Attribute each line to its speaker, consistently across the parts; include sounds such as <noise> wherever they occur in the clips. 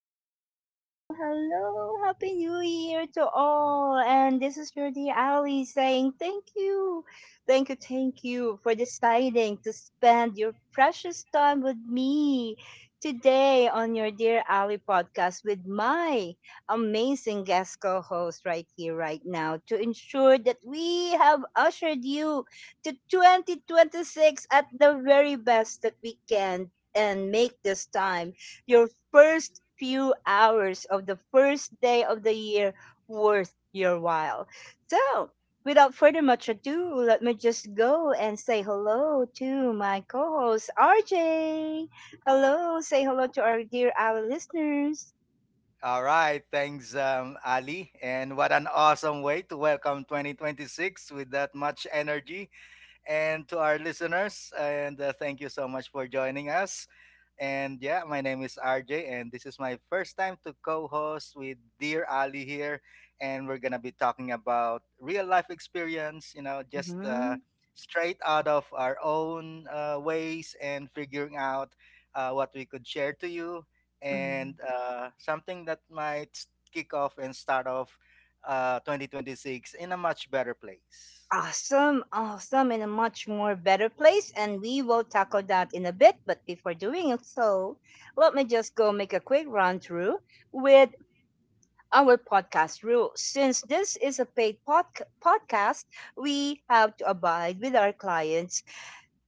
Speaker 1: hello, hello, hello. Happy New Year to all. And this is your dear Ali saying thank you, thank you, thank you for deciding to spend your precious time with me today on your Dear Ali podcast with my amazing guest co host right here, right now, to ensure that we have ushered you to 2026 at the very best that we can, and make this time, your first few hours of the first day of the year, worth your while. So, without further much ado, let me just go and say hello to my co host, RJ. Hello, say hello to our dear our listeners.
Speaker 2: All right, thanks, Ali. And what an awesome way to welcome 2026 with that much energy. And to our listeners, and thank you so much for joining us. And yeah, my name is RJ, and this is my first time to co host with Dear Ali here. And we're going to be talking about real life experience, you know, just
Speaker 1: Hmm.
Speaker 2: straight out of our own ways and figuring out what we could share to you. And
Speaker 1: Hmm.
Speaker 2: something that might kick off and start off 2026 in a much better place.
Speaker 1: Awesome, awesome, in a much more better place, and we will tackle that in a bit. But before doing it, so, let me just go make a quick run through with our podcast rules. Since this is a paid podcast, we have to abide with our clients'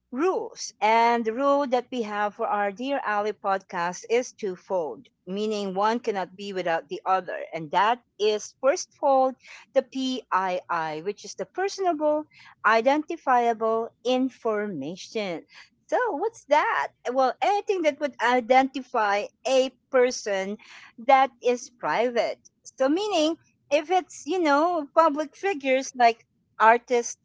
Speaker 1: rules. And the rule that we have for our Dear Ali podcast is twofold, meaning one cannot be without the other. And that is first fold, the PII, which is the personable, identifiable information. So, what's that? Well, anything that would identify a person that is private. So, meaning if it's, you know, public figures like artists,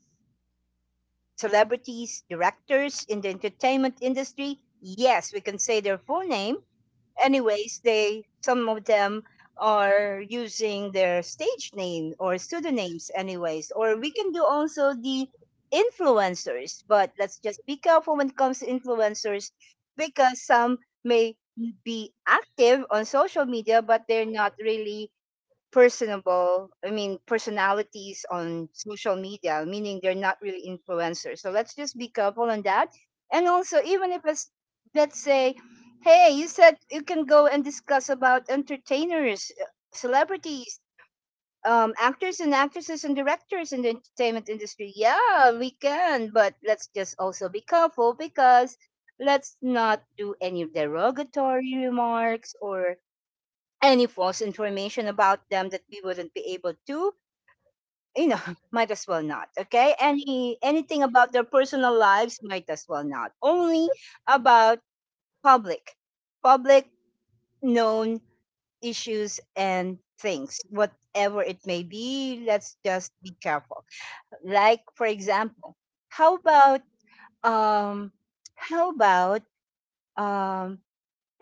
Speaker 1: celebrities, directors in the entertainment industry. Yes, we can say their full name. Anyways, they some of them are using their stage name or pseudonyms anyways, or we can do also the influencers, but let's just be careful when it comes to influencers because some may be active on social media but they're not really personable, I mean, personalities on social media, meaning they're not really influencers. So let's just be careful on that. And also, even if it's, let's say, hey, you said you can go and discuss about entertainers, celebrities, actors and actresses and directors in the entertainment industry, yeah, we can, but let's just also be careful because let's not do any derogatory remarks or any false information about them that we wouldn't be able to, you know, <laughs> might as well not. Okay, anything about their personal lives, might as well not. Only about public public known issues and things, whatever it may be, let's just be careful. Like, for example, how about, um how about um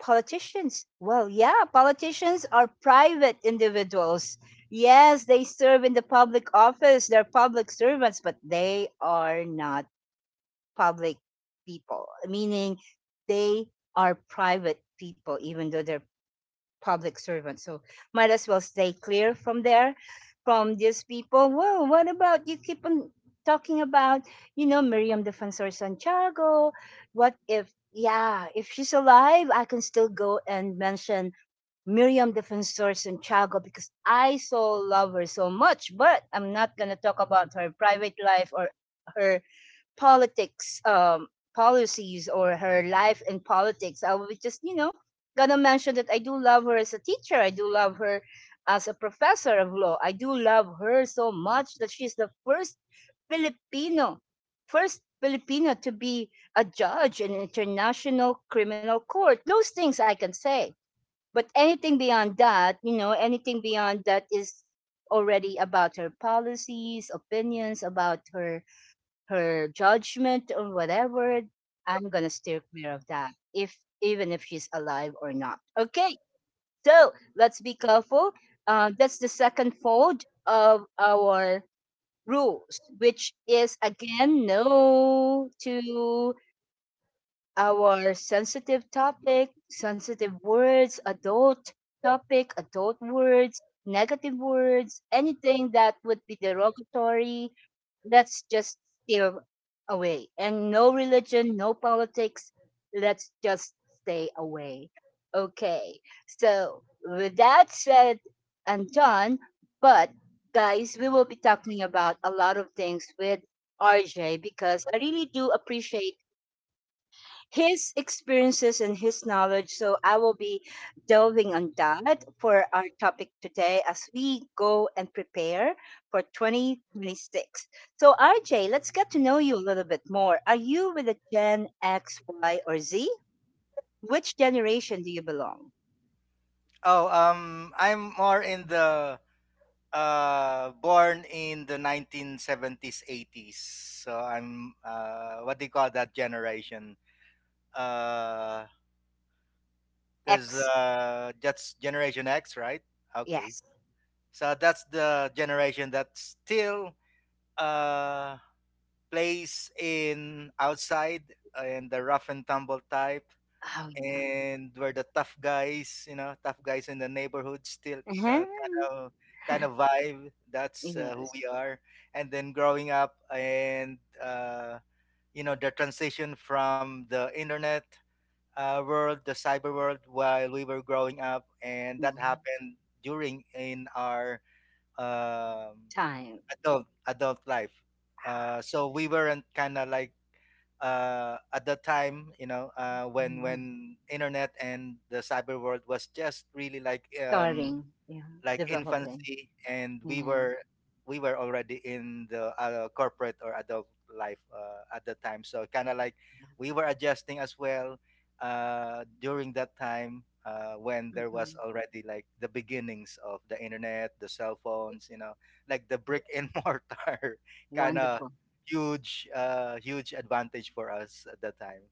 Speaker 1: politicians. Well, yeah, politicians are private individuals. Yes, they serve in the public office, they're public servants, but they are not public people, meaning they are private people, even though they're public servant. So might as well stay clear from there, from these people. Well, what about you keep on talking about, you know, Miriam Defensor Santiago? What if, yeah, if she's alive, I can still go and mention Miriam Defensor Santiago because I so love her so much, but I'm not going to talk about her private life or her politics policies, or her life in politics. I will be just, you know, gonna mention that I do love her as a teacher. I do love her as a professor of law. I do love her so much that she's the filipino first Filipino to be a judge in an international criminal court. Those things I can say, but anything beyond that, you know, anything beyond that is already about her policies, opinions about her, her judgment or whatever, I'm gonna steer clear of that. If, even if she's alive or not. Okay, so let's be careful. That's the second fold of our rules, which is, again, no to our sensitive topic, sensitive words, adult topic, adult words, negative words, anything that would be derogatory, let's just steer away. And no religion, no politics, let's just stay away. Okay, so with that said and done, but guys, we will be talking about a lot of things with RJ because I really do appreciate his experiences and his knowledge. So I will be delving on that for our topic today as we go and prepare for 2026. So, RJ, let's get to know you a little bit more. Are you with a Gen X, Y, or Z? Which generation do you belong?
Speaker 2: Oh, I'm more in the born in the 1970s, 80s, so I'm what do you call that generation? uh because
Speaker 1: X,
Speaker 2: that's generation X, right? Okay,
Speaker 1: yes.
Speaker 2: so that's the generation that still uh plays in outside, in the rough and tumble type,
Speaker 1: Oh, yeah.
Speaker 2: and we're the tough guys, you know, tough guys in the neighborhood still,
Speaker 1: Uh-huh.
Speaker 2: uh, kind of kind of vibe. That's who
Speaker 1: Yes.
Speaker 2: we are. And then growing up and you know the transition from the internet world, the cyber world, while we were growing up, and that
Speaker 1: Yeah.
Speaker 2: happened during in our um,
Speaker 1: Time.
Speaker 2: adult life. So we weren't kind of like at that time, you know, when
Speaker 1: Mhm.
Speaker 2: when internet and the cyber world was just really
Speaker 1: Starting. Yeah.
Speaker 2: like
Speaker 1: Developing.
Speaker 2: infancy, and we
Speaker 1: Yeah.
Speaker 2: were we were already in the corporate or adult life at the time, so kind of like we were adjusting as well during that time when there was
Speaker 1: Mhm.
Speaker 2: already like the beginnings of the internet, the cell phones, you know, like the brick and <laughs> mortar kind of
Speaker 1: Wonderful.
Speaker 2: huge huge advantage for us at that time.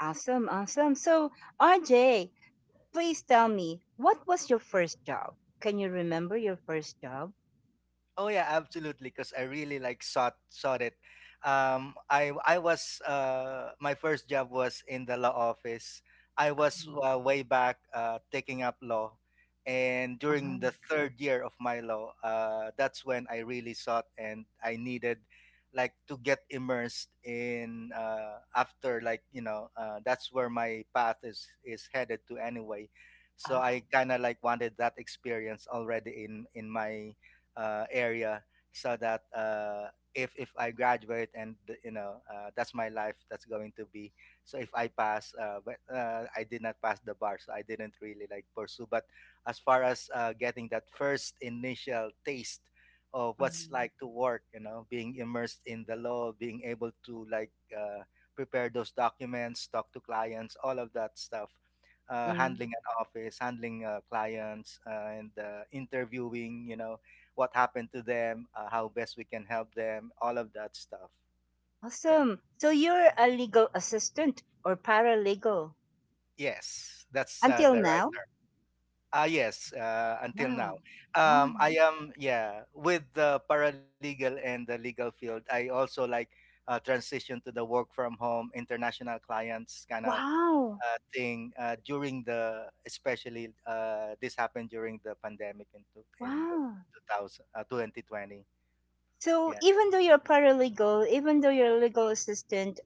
Speaker 1: Awesome, awesome. So, RJ, please tell me, what was your first job? Can you remember your first job?
Speaker 2: Oh yeah, absolutely. Because I really like sought it. I was my first job was in the law office. I was
Speaker 1: Um,
Speaker 2: way back taking up law, and during
Speaker 1: uh-huh,
Speaker 2: the third year of my law, that's when I really sought, and I needed like to get immersed in, after like you know that's where my path is headed to anyway. So I
Speaker 1: ah,
Speaker 2: kind of like wanted that experience already in my area, so that if I graduate and you know that's my life that's going to be. So if I pass, but I did not pass the bar, so I didn't really like pursue. But as far as getting that first initial taste of what's
Speaker 1: mm,
Speaker 2: like to work, you know, being immersed in the law, being able to like prepare those documents, talk to clients, all of that stuff,
Speaker 1: mm.
Speaker 2: handling an office, handling clients, and interviewing you know what happened to them, how best we can help them, all of that stuff. Yeah.
Speaker 1: Awesome. So, you're a legal assistant or paralegal
Speaker 2: Yes, that's
Speaker 1: until
Speaker 2: the right
Speaker 1: now?
Speaker 2: term. Ah, yes. Until
Speaker 1: Wow.
Speaker 2: now,
Speaker 1: Um,
Speaker 2: I am, yeah, with the paralegal and the legal field. I also like transition to the work from home, international clients kind of
Speaker 1: wow.
Speaker 2: thing during the especially this happened during the pandemic in the
Speaker 1: Wow.
Speaker 2: 2000 2020.
Speaker 1: So,
Speaker 2: Yeah.
Speaker 1: even though you're paralegal, even though you're a legal assistant,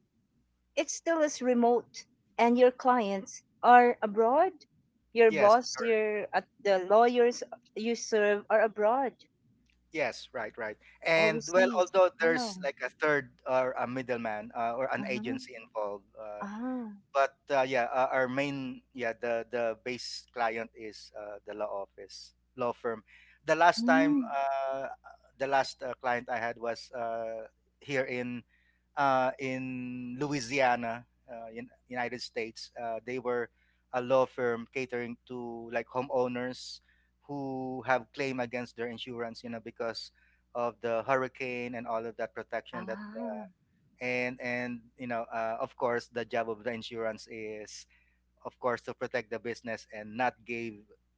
Speaker 1: it still is remote and your clients are abroad, your
Speaker 2: Yes.
Speaker 1: boss, your, the lawyers you serve are abroad
Speaker 2: Yes, right, right. And well,
Speaker 1: overseas.
Speaker 2: although
Speaker 1: Wow.
Speaker 2: there's like a third or a middleman or an
Speaker 1: Uh-huh.
Speaker 2: agency involved,
Speaker 1: Ah.
Speaker 2: but yeah, our main, yeah, the base client is the law office, law firm. The last time
Speaker 1: Mm.
Speaker 2: the last client I had was here in Louisiana, in United States. They were a law firm catering to like homeowners who have claim against their insurance, you know, because of the hurricane and all of that protection that,
Speaker 1: Ah.
Speaker 2: and you know of course the job of the insurance is of course to protect the business and not give,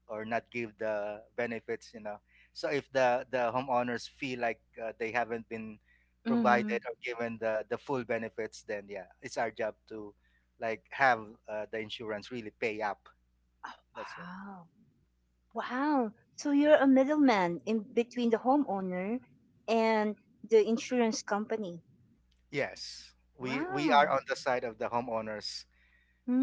Speaker 2: or not give the benefits, you know. So if the homeowners feel like they haven't been
Speaker 1: Mm-hmm.
Speaker 2: provided or given the full benefits, then yeah, it's our job to like have the insurance really pay up. That's it.
Speaker 1: Wow. Wow. So you're a middleman in between the homeowner and the insurance company.
Speaker 2: Yes, we
Speaker 1: Wow.
Speaker 2: are on the side of the homeowners,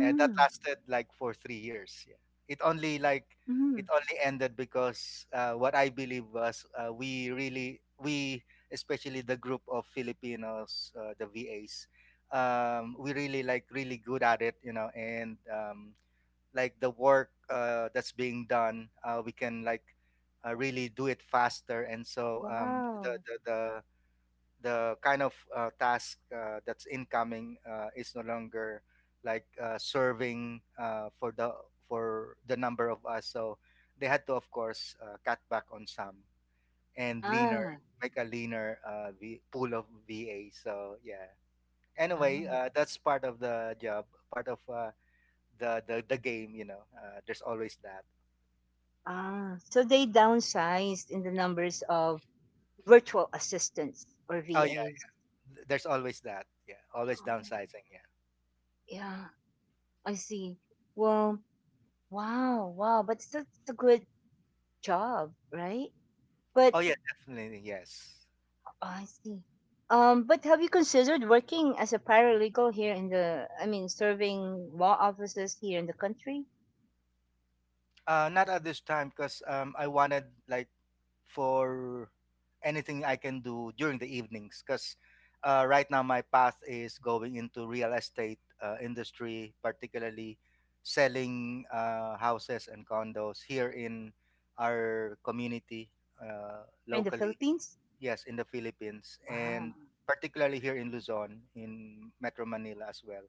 Speaker 2: and that lasted like for 3 years. Yeah, it only like
Speaker 1: Mm-hmm.
Speaker 2: it only ended because what I believe was we really we especially the group of Filipinos, the VAs, we really like really good at it, you know, and like the work that's being done, we can like really do it faster. And so
Speaker 1: Wow.
Speaker 2: the kind of task that's incoming is no longer like serving for the number of us. So they had to, of course, cut back on some and leaner,
Speaker 1: Ah.
Speaker 2: make a leaner pool of VA. So yeah. Anyway,
Speaker 1: Ah.
Speaker 2: that's part of the job, part of the game. You know, there's always that.
Speaker 1: Ah, so they downsized in the numbers of virtual assistants or
Speaker 2: Oh yeah,
Speaker 1: VAs.
Speaker 2: there's always that. Yeah, always
Speaker 1: Oh,
Speaker 2: downsizing. Yeah.
Speaker 1: yeah, I see. Well, wow, wow, but that's a good job, right? But
Speaker 2: Oh yeah, definitely yes.
Speaker 1: I see. But have you considered working as a paralegal here in the, I mean, serving law offices here in the country,
Speaker 2: Not at this time because I wanted like for anything I can do during the evenings because right now my path is going into real estate industry, particularly selling houses and condos here in our community
Speaker 1: here in the
Speaker 2: locally.
Speaker 1: Philippines?
Speaker 2: Yes, in the Philippines, and
Speaker 1: Wow,
Speaker 2: particularly here in Luzon, in Metro Manila as well.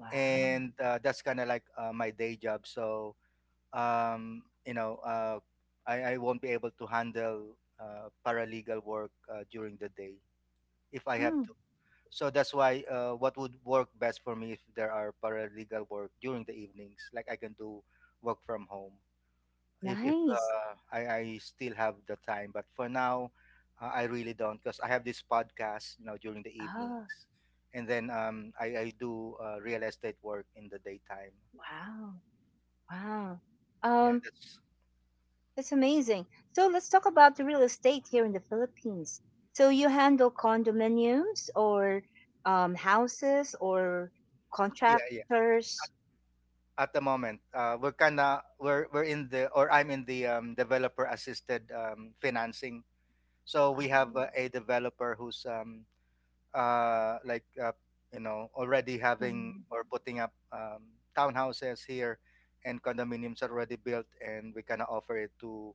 Speaker 1: wow.
Speaker 2: And that's kind of like my day job. So you know, I won't be able to handle paralegal work during the day if I have
Speaker 1: Mm,
Speaker 2: to. So that's why what would work best for me if there are paralegal work during the evenings, like I can do work from home if
Speaker 1: nice.
Speaker 2: I still have the time. But for now, I really don't because I have this podcast, you know, during the
Speaker 1: Oh,
Speaker 2: evenings, and then I do real estate work in the daytime.
Speaker 1: wow, wow.
Speaker 2: Yeah,
Speaker 1: Um,
Speaker 2: that's
Speaker 1: that's amazing. So let's talk about the real estate here in the Philippines. So you handle condominiums or, houses or
Speaker 2: yeah, yeah,
Speaker 1: contractors.
Speaker 2: at the moment. We're kind of we're in the, or I'm in the developer assisted financing. So we have
Speaker 1: Um,
Speaker 2: a developer who's uh, like uh, you know, already having
Speaker 1: mm.
Speaker 2: or putting up townhouses here, and condominiums are already built, and we kind of offer it to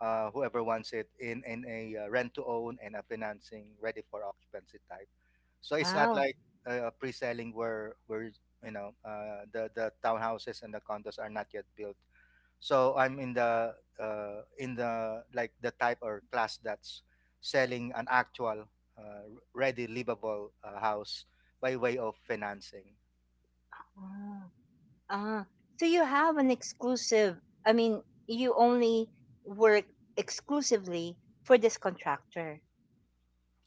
Speaker 2: whoever wants it in a rent to own and a financing ready for occupancy type. So it's not
Speaker 1: Wow.
Speaker 2: like pre-selling, where you know the townhouses and the condos are not yet built. So I'm in the like the type or class that's selling an actual uh, ready livable house by way of financing.
Speaker 1: Ah, ah. So you have an exclusive, I mean, you only work exclusively for this contractor,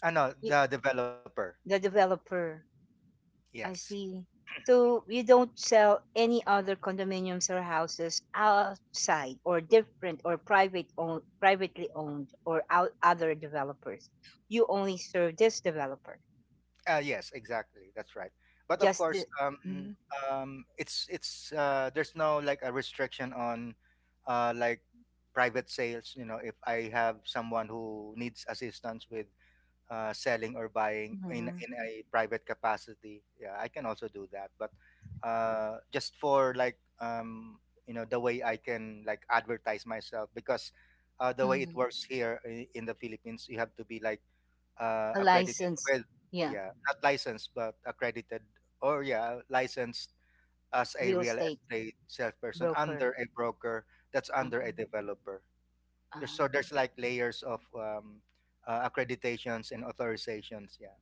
Speaker 2: Ah no,
Speaker 1: y-
Speaker 2: the developer.
Speaker 1: the developer.
Speaker 2: Yes.
Speaker 1: I see. So you don't sell any other condominiums or houses outside or different or private own, privately owned, or out other developers. You only serve this developer,
Speaker 2: Yes, exactly, that's right. But of
Speaker 1: just the
Speaker 2: course
Speaker 1: Mhm.
Speaker 2: it's there's no like a restriction on like private sales, you know, if I have someone who needs assistance with selling or buying in
Speaker 1: Mhm.
Speaker 2: a private capacity. Yeah, I can also do that, but just for like you know the way I can like advertise myself, because the way it
Speaker 1: Mhm.
Speaker 2: works in the Philippines, you have to be like
Speaker 1: A
Speaker 2: accredited.
Speaker 1: licensed,
Speaker 2: Well,
Speaker 1: yeah,
Speaker 2: yeah, not licensed but accredited, or yeah, licensed as a
Speaker 1: real
Speaker 2: real
Speaker 1: estate
Speaker 2: estate salesperson
Speaker 1: broker.
Speaker 2: under a broker that's
Speaker 1: Um,
Speaker 2: under a developer. There's, so
Speaker 1: um,
Speaker 2: there's like layers of accreditations and authorizations. Yeah.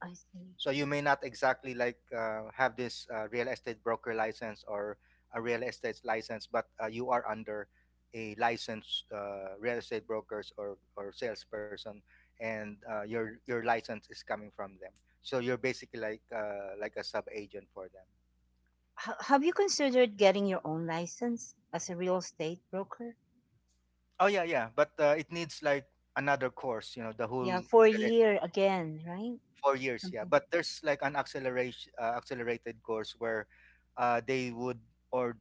Speaker 1: I see.
Speaker 2: So you may not exactly like have this real estate broker license or a real estate license, but you are under a licensed real estate brokers, or salesperson, and your license is coming from them. So you're basically like a sub agent for them.
Speaker 1: Have you considered getting your own license as a real estate broker?
Speaker 2: Oh yeah, yeah. But it needs like another course. You know, the
Speaker 1: Yeah,
Speaker 2: whole
Speaker 1: for a year again, right?
Speaker 2: 4 years. Yeah,
Speaker 1: Something
Speaker 2: but there's like an acceleration, accelerated course where they would, or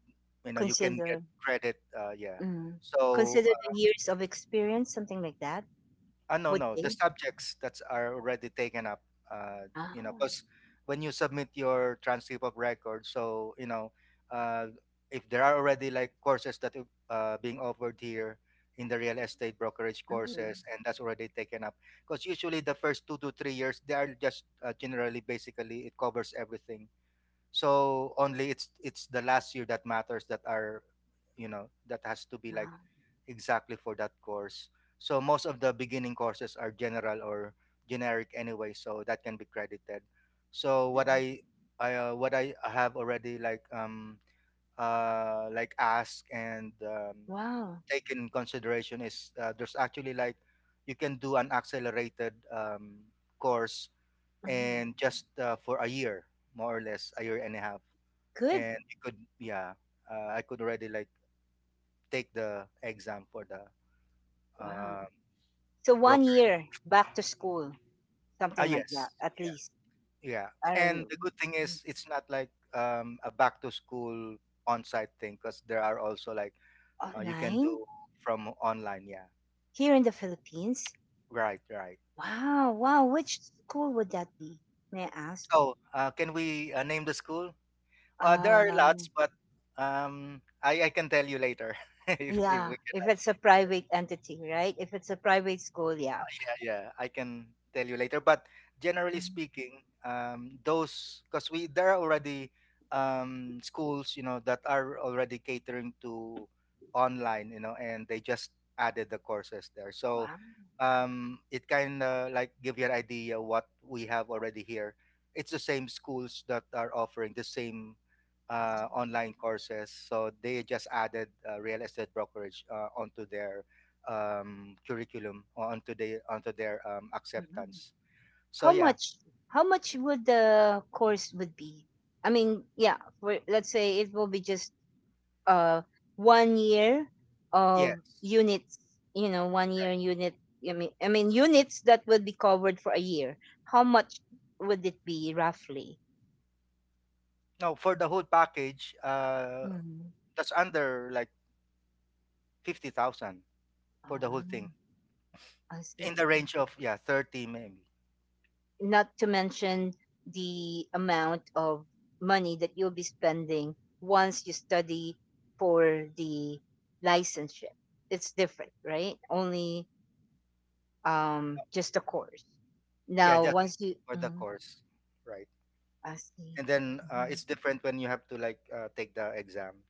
Speaker 2: you know, you can get
Speaker 1: consider.
Speaker 2: credit, yeah.
Speaker 1: Mm.
Speaker 2: So
Speaker 1: Consider the years of experience, something like that.
Speaker 2: no,
Speaker 1: Would
Speaker 2: no, the
Speaker 1: they?
Speaker 2: subjects that are already taken up. You know,
Speaker 1: Ah,
Speaker 2: because when you submit your transcript of record, so you know, uh, if there are already like courses that are, being offered here in the real estate brokerage
Speaker 1: mm,
Speaker 2: courses, and that's already taken up. Because usually the first 2 to 3 years, they are just generally basically it covers everything. So only it's the last year that matters that are, you know, that has to be like
Speaker 1: wow,
Speaker 2: exactly for that course. So most of the beginning courses are general or generic anyway, so that can be credited. So
Speaker 1: nice.
Speaker 2: what I have already like asked and
Speaker 1: Wow,
Speaker 2: taken consideration is there's actually like you can do an accelerated course
Speaker 1: mm,
Speaker 2: and just for a year, more or less a year and a half,
Speaker 1: good,
Speaker 2: and you could, yeah, I could already like take the exam for the
Speaker 1: wow.
Speaker 2: uh,
Speaker 1: So one year back to school,
Speaker 2: Ah,
Speaker 1: something like
Speaker 2: yes.
Speaker 1: that, at
Speaker 2: Yeah.
Speaker 1: least.
Speaker 2: Yeah.
Speaker 1: I
Speaker 2: And
Speaker 1: don't.
Speaker 2: the good thing
Speaker 1: Mm,
Speaker 2: is it's not like a back to school on-site thing because there are also like you can
Speaker 1: online
Speaker 2: do from online. Yeah.
Speaker 1: here in the Philippines.
Speaker 2: Right. Right.
Speaker 1: Wow, wow. Which school would that be? May I ask?
Speaker 2: Oh, can we name the school? There are lots,
Speaker 1: Um,
Speaker 2: but I can tell you later <laughs> if
Speaker 1: yeah,
Speaker 2: we
Speaker 1: if it's a private entity, right? If it's a private school, yeah.
Speaker 2: yeah, yeah. I can tell you later. But generally
Speaker 1: Mm.
Speaker 2: speaking, those because we there are already schools, you know, that are already catering to online, you know, and they just added the courses there. So
Speaker 1: Wow.
Speaker 2: it kind of like give you an idea what we have already here. It's the same schools that are offering the same
Speaker 1: Wow.
Speaker 2: online courses. So they just added real estate brokerage onto their curriculum o- onto the onto their
Speaker 1: Mhm.
Speaker 2: acceptance. So
Speaker 1: How
Speaker 2: yeah,
Speaker 1: much, how much would the course would be? I mean, yeah, for, let's say it will be just, uh, one year
Speaker 2: yes.
Speaker 1: of units, you know, one year unit. I mean units that would be covered for a year. How much would it be roughly?
Speaker 2: No, for the whole package,
Speaker 1: Mhm.
Speaker 2: that's under like 50,000 for the whole thing.
Speaker 1: Ah, I
Speaker 2: In the
Speaker 1: see.
Speaker 2: range of yeah, 30 maybe.
Speaker 1: Not to mention the amount of money that you'll be spending once you study for the licensure. It's different, right? Only, um, just a course.
Speaker 2: Yeah,
Speaker 1: Now,
Speaker 2: just
Speaker 1: once you,
Speaker 2: for the
Speaker 1: mm,
Speaker 2: course, right?
Speaker 1: I see.
Speaker 2: And then
Speaker 1: Mhm.
Speaker 2: it's different when you have to like take the exam.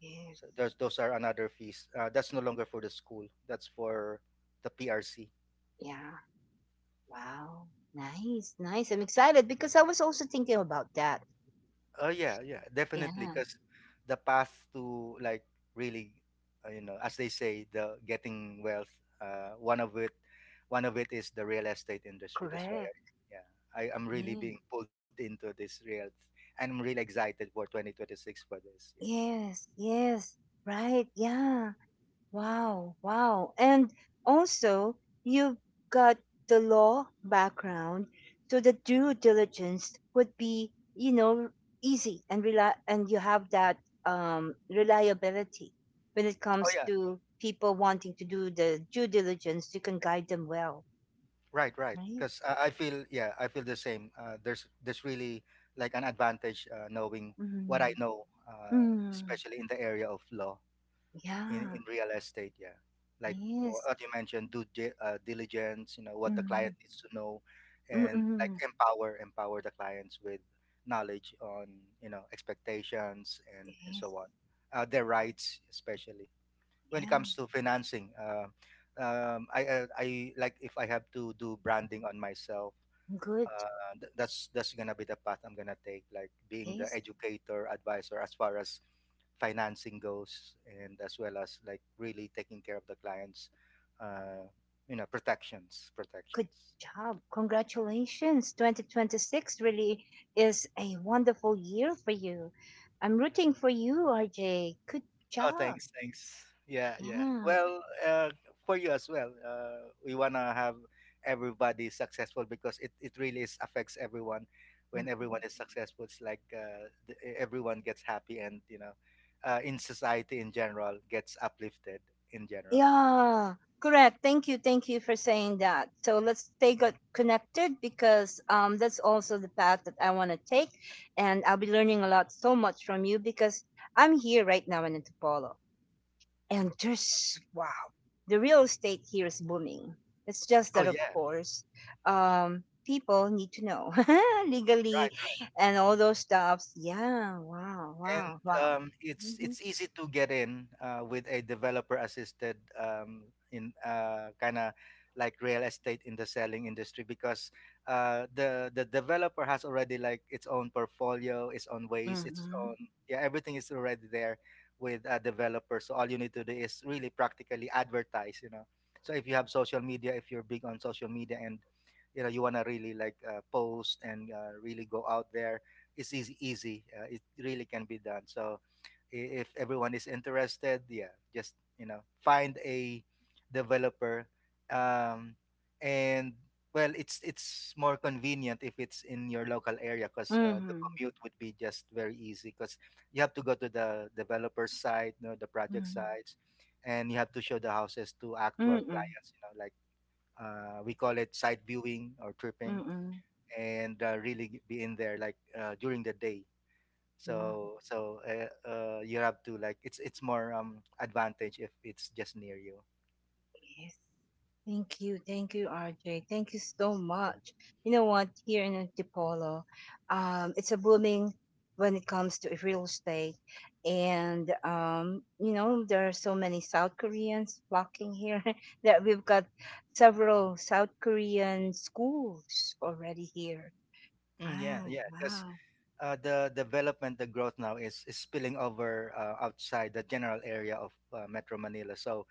Speaker 1: Yes.
Speaker 2: So those are another fees. That's no longer for the school. That's for the PRC.
Speaker 1: Yeah. Wow. Nice. Nice. I'm excited because I was also thinking about that.
Speaker 2: Oh yeah, yeah, definitely.
Speaker 1: Yeah.
Speaker 2: Because the path to like really, you know, as they say, the getting wealth, uh, one of it, one of it is the real estate industry. That's why,
Speaker 1: Correct.
Speaker 2: yeah, I am really
Speaker 1: Yeah.
Speaker 2: being pulled into this real, and I'm really excited for 2026 for this. Yeah.
Speaker 1: Yes. Yes. Right. Yeah. Wow, wow. And also, you've got the law background, so the due diligence would be, you know, easy and rely, and you have that, um, reliability when it
Speaker 2: Oh
Speaker 1: comes
Speaker 2: yeah,
Speaker 1: to people wanting to do the due diligence, you can guide them well,
Speaker 2: right, right.
Speaker 1: right?
Speaker 2: Because I feel, yeah, I feel the same. There's really like an advantage knowing what I
Speaker 1: Mm.
Speaker 2: know,
Speaker 1: Mm.
Speaker 2: especially in the area of law. in
Speaker 1: Yeah.
Speaker 2: in real estate, yeah, like wha-
Speaker 1: Yes.
Speaker 2: what you mentioned due diligence, you know, what the client
Speaker 1: Mm.
Speaker 2: needs to know, and like
Speaker 1: Mm-mm.
Speaker 2: empower the clients with knowledge on, you know, expectations, and
Speaker 1: Yes.
Speaker 2: so on, their
Speaker 1: Oh,
Speaker 2: rights especially when it
Speaker 1: yeah.
Speaker 2: comes to financing, I like if I have to do branding on myself,
Speaker 1: Good.
Speaker 2: that's gonna be the path I'm gonna take, like being the
Speaker 1: Yes.
Speaker 2: educator, advisor as far as financing goes, and as well as like really taking care of the clients, uh, you know, protections,
Speaker 1: Good
Speaker 2: protections.
Speaker 1: job. Congratulations. 2026 really is a wonderful year for you. I'm rooting for you, RJ. Good
Speaker 2: Oh,
Speaker 1: job.
Speaker 2: thanks, thanks. Yeah, yeah.
Speaker 1: Yeah.
Speaker 2: Well, for you as well. We wanna have everybody successful because it really is affects everyone. When
Speaker 1: Mm.
Speaker 2: everyone is successful, it's like everyone gets happy and, you know, in society in general gets uplifted in general.
Speaker 1: Yeah. Correct. Thank you. Thank you for saying that. So let's stay connected because, that's also the path that I want to take. And I'll be learning a lot so much from you because I'm here right now in Antipolo. And there's, wow, the real estate here is booming. It's just
Speaker 2: Oh
Speaker 1: that, of
Speaker 2: yeah,
Speaker 1: course, people need to know <laughs>
Speaker 2: right.
Speaker 1: legally and all those stuffs. Yeah, wow,
Speaker 2: And
Speaker 1: wow, wow.
Speaker 2: it's
Speaker 1: Mm-hmm.
Speaker 2: it's easy to get in with a developer assisted in kind of like real estate in the selling industry, because the developer has already like its own portfolio, its own ways, its
Speaker 1: Mm-hmm.
Speaker 2: own, yeah, everything is already there with a developer. So all you need to do is really practically advertise, you know. So if you have social media, if you're big on social media and you know you want to really like post and really go out there, it's easy, it really can be done. So if everyone is interested, yeah, just, you know, find a developer, um, and, well, it's more convenient if it's in your local area, because the
Speaker 1: Mm-hmm.
Speaker 2: commute would be just very easy, because you have to go to the developer's site, you know, the project sites, and you have to show the houses to actual
Speaker 1: Mm-hmm.
Speaker 2: clients, you know, like we call it site viewing or tripping.
Speaker 1: Mm-hmm.
Speaker 2: And really be in there like during the day.
Speaker 1: Mm-hmm.
Speaker 2: So you have to like, it's more advantage if it's just near you.
Speaker 1: Yes. Thank you, RJ. Thank you so much. You know what? Here in Antipolo, it's a booming when it comes to real estate, and, you know, there are so many South Koreans flocking here <laughs> that we've got several South Korean schools already here.
Speaker 2: Mm, yeah,
Speaker 1: Wow,
Speaker 2: yeah, because
Speaker 1: wow!
Speaker 2: the development, the growth now is spilling over outside the general area of metro Manila. So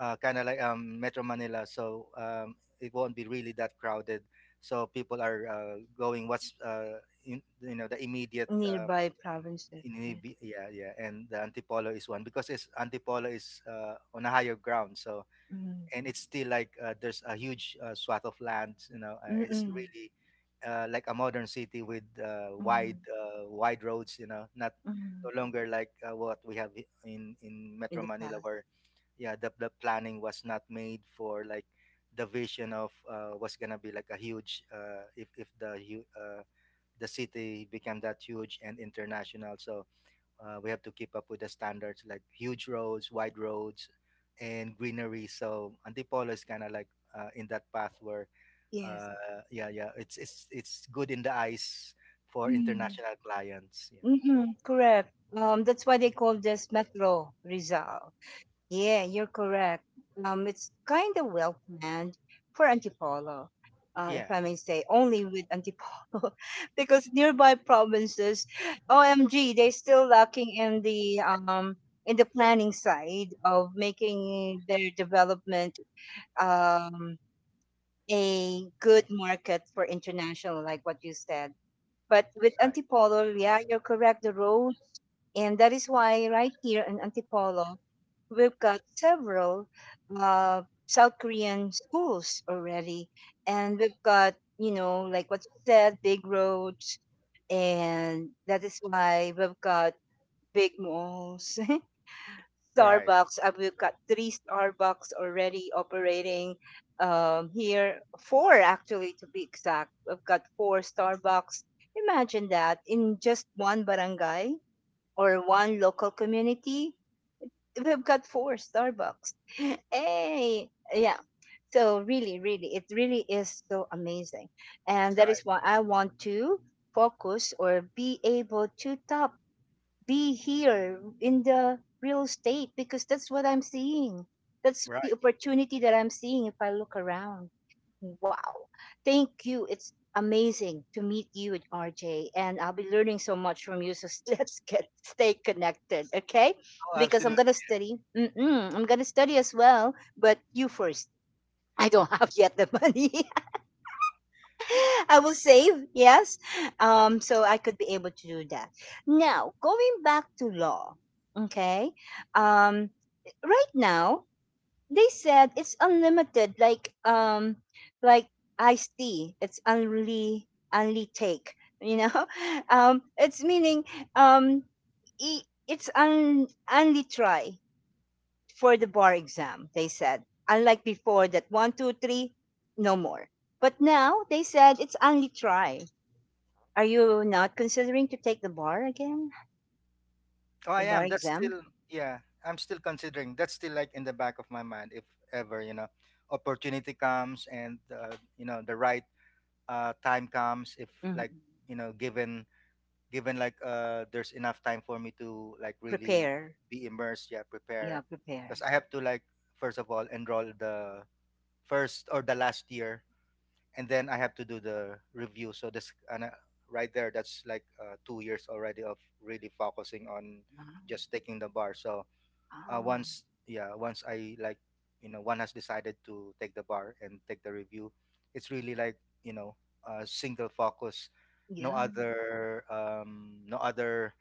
Speaker 2: kind of like metro Manila, so it won't be really that crowded. So people are going what's in, you know, the immediate
Speaker 1: Nearby provinces. Yeah.
Speaker 2: Yeah, yeah, and the Antipolo is one, because it's Antipolo is on a higher ground. So
Speaker 1: Mm,
Speaker 2: and it's still like, there's a huge swath of land, you know,
Speaker 1: mm,
Speaker 2: it's
Speaker 1: mm,
Speaker 2: really like a modern city with
Speaker 1: mm,
Speaker 2: wide roads, you know, not no
Speaker 1: mm.
Speaker 2: longer like what we have in in
Speaker 1: In
Speaker 2: metro
Speaker 1: the
Speaker 2: Manila,
Speaker 1: past,
Speaker 2: where yeah the planning was not made for like the vision of what's gonna be like a huge, if the hu- the city became that huge and international. So we have to keep up with the standards like huge roads, wide roads, and greenery. So Antipolo is kind of like in that path where,
Speaker 1: yes.
Speaker 2: uh, yeah, yeah, it's good in the eyes for
Speaker 1: Mm.
Speaker 2: international clients.
Speaker 1: Mhm, correct. That's why they call this Metro Rizal. Yeah, you're correct. It's kind of well planned for Antipolo,
Speaker 2: Yeah, yeah,
Speaker 1: if I may say, only with Antipolo, <laughs> because nearby provinces, OMG, they're still lacking in the, um, in the planning side of making their development, um, a good market for international, like what you said. But with
Speaker 2: right,
Speaker 1: Antipolo, yeah, you're correct. The roads, and that is why right here in Antipolo, we've got several, South Korean schools already. And we've got, you know, like what you said, big roads. And that is why we've got big malls, <laughs>
Speaker 2: right,
Speaker 1: Starbucks. We've got three Starbucks already operating, here, four actually to be exact. We've got four Starbucks. Imagine that in just one barangay or one local community, we've got four Starbucks. <laughs> Hey, yeah. So really, it really is so amazing. And that
Speaker 2: right,
Speaker 1: is why I want to focus or be able to top, be here in the real estate because that's what I'm seeing. That's
Speaker 2: right.
Speaker 1: the opportunity that I'm seeing if I look around. Wow. Thank you. It's amazing to meet you, RJ. And I'll be learning so much from you. So <laughs> let's get stay connected, okay?
Speaker 2: Oh,
Speaker 1: Because I'm
Speaker 2: absolutely.
Speaker 1: gonna study. Mm-mm, I'm gonna study as well, but you first. <laughs> I don't have yet the money. <laughs> I will save, yes. So I could be able to do that. Now, going back to law, okay? Um, right now they said it's unlimited, like iced tea. It's only take. You know, <laughs> it's meaning um, i- it's only try for the bar exam. They said unlike before, that one two three, no more. But now they said it's only try. Are you not considering to take the bar again?
Speaker 2: Oh,
Speaker 1: The
Speaker 2: I
Speaker 1: bar
Speaker 2: am. That's
Speaker 1: exam?
Speaker 2: still, yeah, I'm still considering. That's still like in the back of my mind. If ever, you know, opportunity comes and, you know, the right time comes, if
Speaker 1: Hmm.
Speaker 2: like, you know, given like there's enough time for me to like really
Speaker 1: Prepare.
Speaker 2: be immersed, yeah,
Speaker 1: Yeah,
Speaker 2: prepare.
Speaker 1: prepare.
Speaker 2: Because I have to like, first of all, enroll the first or the last year, and then I have to do the review. So this and right there, that's like 2 years already of really focusing on
Speaker 1: Ah,
Speaker 2: just taking the bar. So
Speaker 1: ah,
Speaker 2: once, yeah, once I like, you know, one has decided to take the bar and take the review, it's really like, you know, a single focus, no
Speaker 1: yeah.
Speaker 2: other no other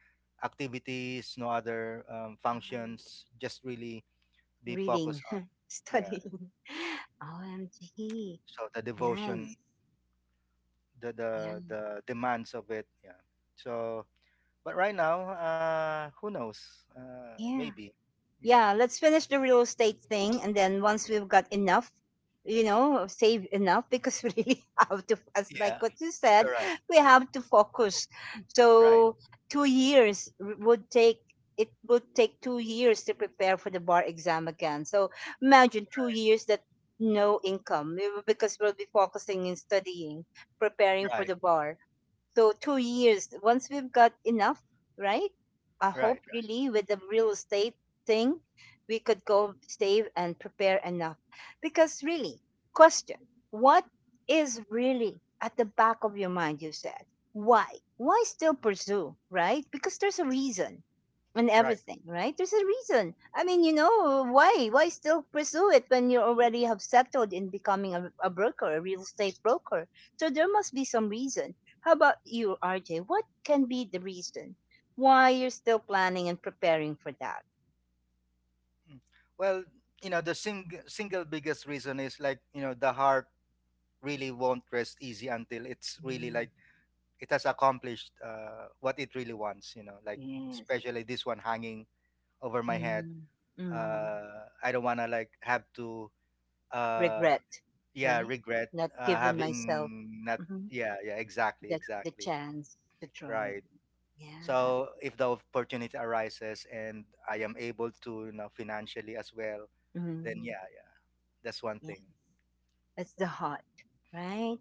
Speaker 2: activities, no other functions, just really be
Speaker 1: Reading,
Speaker 2: focused on.
Speaker 1: <laughs>
Speaker 2: Yeah.
Speaker 1: studying. <laughs> OMG.
Speaker 2: So the
Speaker 1: Nice.
Speaker 2: devotion, the the
Speaker 1: Yeah.
Speaker 2: the demands of it, yeah. So but right now, who knows,
Speaker 1: Yeah.
Speaker 2: maybe yeah,
Speaker 1: Yeah. Let's finish the real estate thing. And then once we've got enough, you know, save enough because <laughs> we really have to, as
Speaker 2: yeah,
Speaker 1: like what you said,
Speaker 2: correct,
Speaker 1: we have to focus.
Speaker 2: right,
Speaker 1: So would take, it would take 2 years to prepare for the bar exam again. So imagine 2 years that no income we will- because we'll be focusing in studying, preparing for
Speaker 2: right,
Speaker 1: the bar. So 2 years, once we've got enough, right? I
Speaker 2: right,
Speaker 1: hope
Speaker 2: right,
Speaker 1: really with the real estate thing, we could go save and prepare enough. Because really, question, what is really at the back of your mind, you said? Why? Why still pursue, right? Because there's a reason and
Speaker 2: right.
Speaker 1: everything, right? There's a reason. I mean, you know, why? Why still pursue it when you already have settled in becoming a broker, a real estate broker? So there must be some reason. How about you, RJ? What can be the reason why you're still planning and preparing for that?
Speaker 2: Mm. Well, you know, the single biggest reason is like, you know, the heart really won't rest easy until it's really
Speaker 1: Mm,
Speaker 2: like it has accomplished what it really wants, you know, like
Speaker 1: yes.
Speaker 2: especially this one hanging over my head.
Speaker 1: Mm, mm.
Speaker 2: I don't want to like have to, uh,
Speaker 1: Regret,
Speaker 2: yeah,
Speaker 1: right?
Speaker 2: regret,
Speaker 1: Not giving myself
Speaker 2: having not,
Speaker 1: mhm,
Speaker 2: yeah, yeah, exactly,
Speaker 1: the
Speaker 2: exactly.
Speaker 1: chance to try it.
Speaker 2: Right.
Speaker 1: Yeah.
Speaker 2: So if the opportunity arises and I am able to, you know, financially as well, then
Speaker 1: Mm,
Speaker 2: yeah, yeah, that's one
Speaker 1: yeah.
Speaker 2: thing.
Speaker 1: That's the heart, right?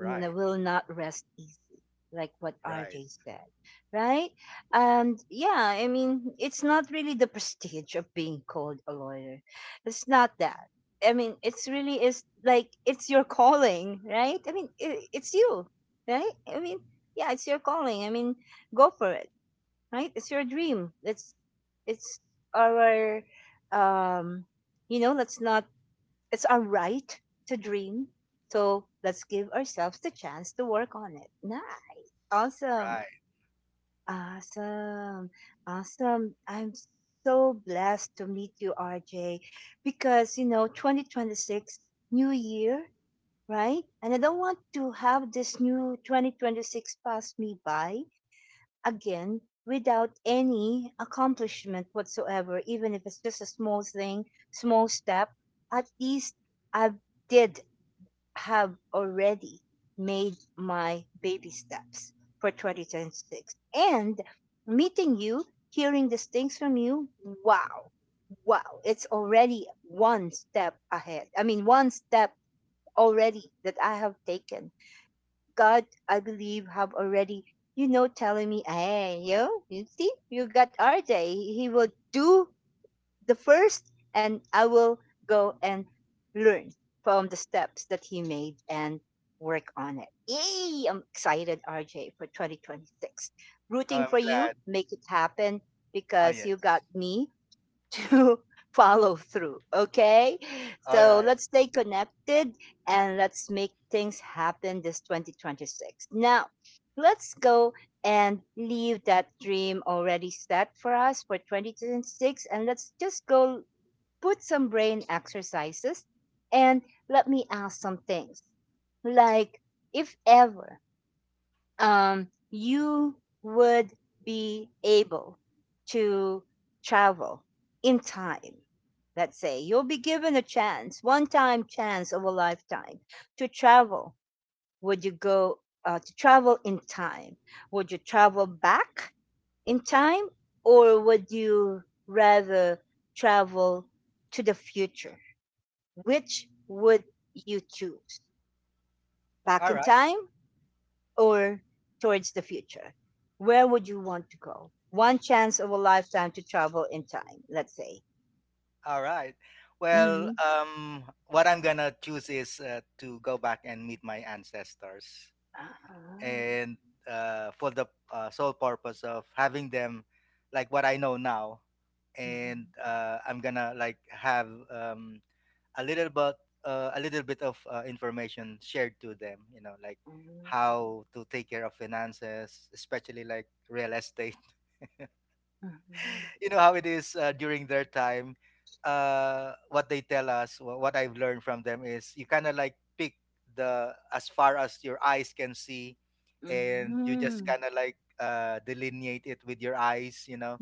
Speaker 1: Will not rest easy, like what
Speaker 2: right,
Speaker 1: RJ said, right? And yeah, I mean, it's not really the prestige of being called a lawyer. It's not that. I mean, it's really is like it's your calling, right? I mean, I it's you, right? I mean, yeah, it's your calling. I mean, go for it, right? It's your dream. It's our um, you know, let's not it's our right to dream. So let's give ourselves the chance to work on it. Nah, awesome.
Speaker 2: right.
Speaker 1: Awesome. Awesome. I'm so blessed to meet you, RJ, because, you know, 2026, new year, right? And I don't want to have this new 2026 pass me by again without any accomplishment whatsoever, even if it's just a small thing, small step. At least I did have already made my baby steps for 2026. And meeting you, hearing these things from you, wow, wow, it's already one step ahead. I mean, one step already that I have taken. God, I believe, have already, you know, telling me, hey, yo, you see, you got RJ. He will do the first and I will go and learn from the steps that he made and work on it. Yay! I'm excited, RJ, for 2026.
Speaker 2: Oh,
Speaker 1: Rooting
Speaker 2: I'm
Speaker 1: for you.
Speaker 2: glad.
Speaker 1: Make it happen
Speaker 2: Oh,
Speaker 1: because you got
Speaker 2: yes.
Speaker 1: me to <laughs> follow through. Okay.
Speaker 2: All
Speaker 1: So
Speaker 2: right,
Speaker 1: let's stay connected and let's make things happen this 2026. Now, let's go and leave that dream already set for us for 2026 and let's just go put some brain exercises and let me ask some things like if ever you would be able to travel in time. Let's say you'll be given a chance, one time chance of a lifetime to travel. Would you go to travel in time? Would you travel back in time or would you rather travel to the future? Which would you choose? Back
Speaker 2: all
Speaker 1: in
Speaker 2: right,
Speaker 1: time or towards the future? Where would you want to go? One chance of a lifetime to travel in time, let's say.
Speaker 2: all right. Well,
Speaker 1: Mm-hmm.
Speaker 2: what I'm gonna choose is to go back and meet my ancestors, and for the sole purpose of having them, like what I know now, and I'm gonna like have a little bit, a little bit of information shared to them, you know, like how to take care of finances, especially like real estate. <laughs> You know how it is during their time. Uh, what they tell us, what I've learned from them is you kind of like pick the as far as your eyes can see, and you just kind of like delineate it with your eyes, you know.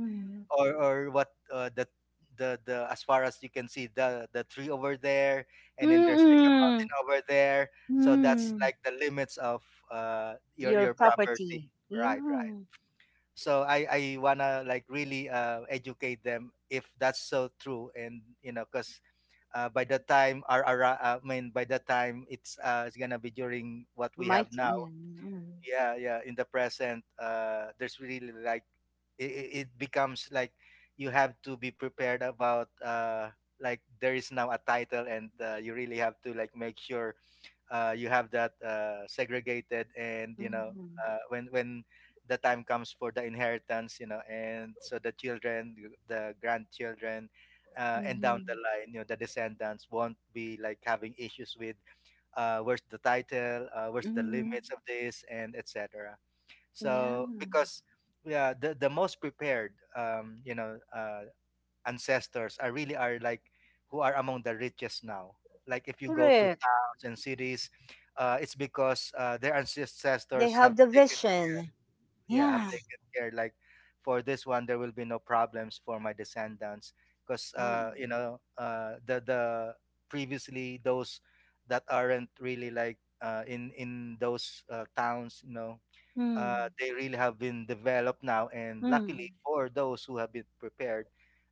Speaker 2: Or what the as far as you can see, the tree over there, and then there's like a mountain over there. So that's
Speaker 1: Mm-hmm.
Speaker 2: like the limits of
Speaker 1: Your
Speaker 2: your property,
Speaker 1: property.
Speaker 2: right, right.
Speaker 1: Yeah.
Speaker 2: So I wanna like really educate them if that's so true. And you know, because by the time our I mean by the time it's gonna be during what we have
Speaker 1: Might.
Speaker 2: now.
Speaker 1: Yeah.
Speaker 2: Yeah, yeah, in the present, there's really like it it becomes like you have to be prepared about like there is now a title, and you really have to like make sure you have that segregated. And you know
Speaker 1: Mm-hmm.
Speaker 2: when the time comes for the inheritance, you know, and so the children, the grandchildren, and down
Speaker 1: Mm-hmm.
Speaker 2: the line, you know, the descendants won't be like having issues with where's the title, where's the
Speaker 1: Mm-hmm.
Speaker 2: limits of this, and etc.
Speaker 1: Yeah.
Speaker 2: So because, yeah, the most prepared, you know, ancestors are really are like who are among the richest now. Like if you go to
Speaker 1: Correct.
Speaker 2: towns and cities, it's because their
Speaker 1: They
Speaker 2: ancestors
Speaker 1: have
Speaker 2: have
Speaker 1: the
Speaker 2: taken,
Speaker 1: vision.
Speaker 2: yeah, I've
Speaker 1: Yeah.
Speaker 2: taken care like for this one there will be no problems for my descendants, because
Speaker 1: Mm-hmm.
Speaker 2: you know the previously those that aren't really like in those towns, you know, they really have been developed now. And
Speaker 1: Mm-hmm.
Speaker 2: luckily for those who have been prepared,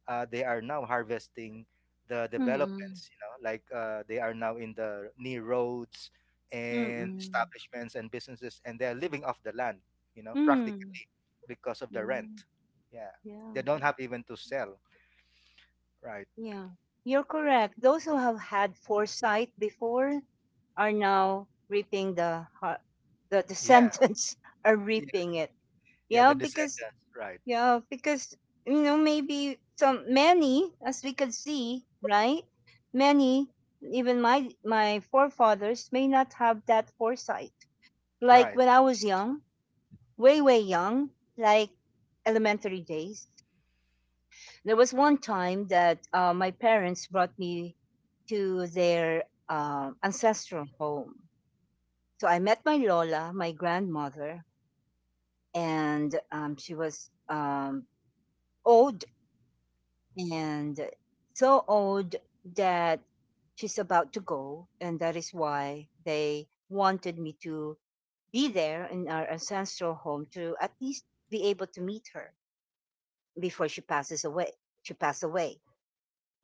Speaker 2: they are now harvesting the
Speaker 1: Mm-hmm.
Speaker 2: developments, you know, like they are now in the near roads and
Speaker 1: Mm.
Speaker 2: establishments and businesses, and they're living off the land, you know,
Speaker 1: Mm.
Speaker 2: practically because of the
Speaker 1: Mm.
Speaker 2: rent. Yeah.
Speaker 1: Yeah.
Speaker 2: They don't have even to sell. Right.
Speaker 1: Yeah. You're correct. Those who have had foresight before are now reaping the har- the
Speaker 2: Yeah.
Speaker 1: sentence <laughs> are
Speaker 2: Yeah.
Speaker 1: reaping it.
Speaker 2: Yeah.
Speaker 1: Yeah,
Speaker 2: The
Speaker 1: because
Speaker 2: descendants. Right.
Speaker 1: yeah, because you know maybe some many as we could see, right? Many even my forefathers may not have that foresight. Like
Speaker 2: Right.
Speaker 1: when I was young, way way young, like elementary days. There was one time that my parents brought me to their ancestral home. So I met my Lola, my grandmother, and she was old and so old that she's about to go. And that is why they wanted me to be there in our ancestral home to at least be able to meet her before she passes away. She passed away.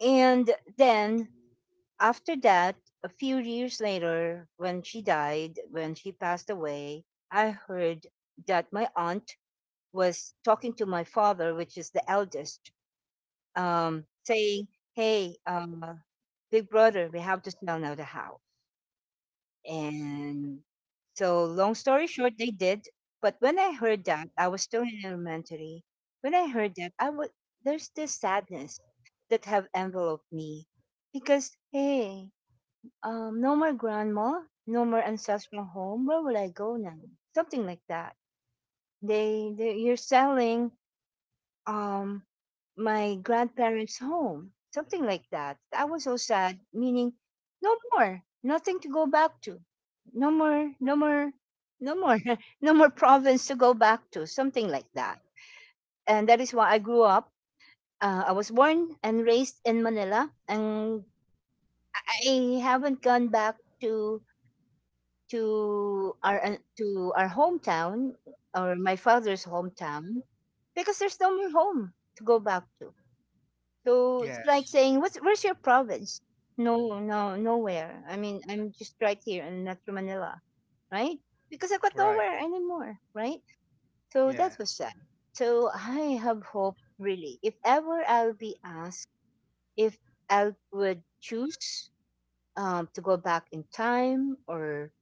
Speaker 1: And then after that, a few years later, when she died, when she passed away, I heard that my aunt was talking to my father, which is the eldest, saying, "Hey, big brother, we have to sell now the house." And so, long story short, they did. But when I heard that, I was still in elementary. When I heard that, I would there's this sadness that have enveloped me because hey, no more grandma, no more ancestral home. Where will I go now? Something like that. They, you're selling um my grandparents' home, something like that. I was so sad, meaning no more, nothing to go back to. No more, no more, no more, <laughs> no more province to go back to, something like that.
Speaker 2: Oh, yeah.
Speaker 1: And
Speaker 2: Yeah.
Speaker 1: that is why I grew up. I was born and raised in Manila, and I haven't gone back to to our hometown or my father's hometown because there's no more home to go back to. So it's like
Speaker 2: Yes.
Speaker 1: saying, "What's where's your province?" No, no, nowhere. I mean, I'm just right here in Metro Manila, right? Because I've got
Speaker 2: Right.
Speaker 1: nowhere anymore, right? So
Speaker 2: Yeah.
Speaker 1: that was sad. So I have hope really. If ever I'll be asked if I would choose to go back in time or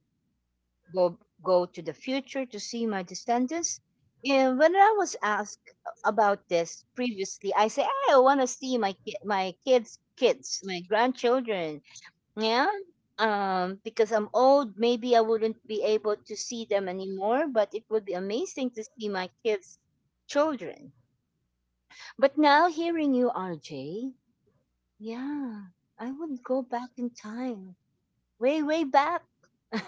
Speaker 1: go go to the future to see my descendants. And when I was asked about this previously, I say, "Hey, I want to see my kids' kids, my grandchildren. Yeah, because I'm old, maybe I wouldn't be able to see them anymore. But it would be amazing to see my kids' children." But now hearing you, RJ, yeah, I would go back in time way, way back. <laughs>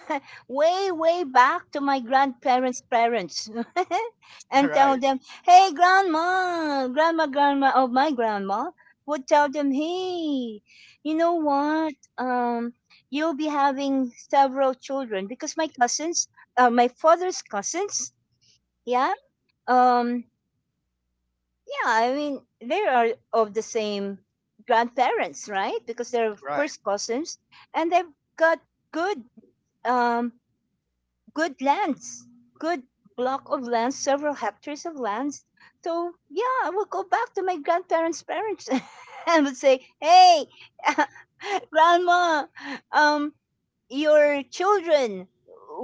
Speaker 1: Way, way back to my grandparents' parents <laughs>
Speaker 2: <laughs>
Speaker 1: and
Speaker 2: Right.
Speaker 1: tell them, hey, grandma, grandma, or my grandma would tell them, hey, you know what? You'll be having several children because my cousins, my father's cousins, yeah, um, yeah, I mean, they are of the same grandparents, right? Because they're
Speaker 2: Right.
Speaker 1: first cousins and they've got good um good lands, good block of lands, several hectares of lands. So yeah, I will go back to my grandparents' parents <laughs> and would say, "Hey, <laughs> grandma, um, your children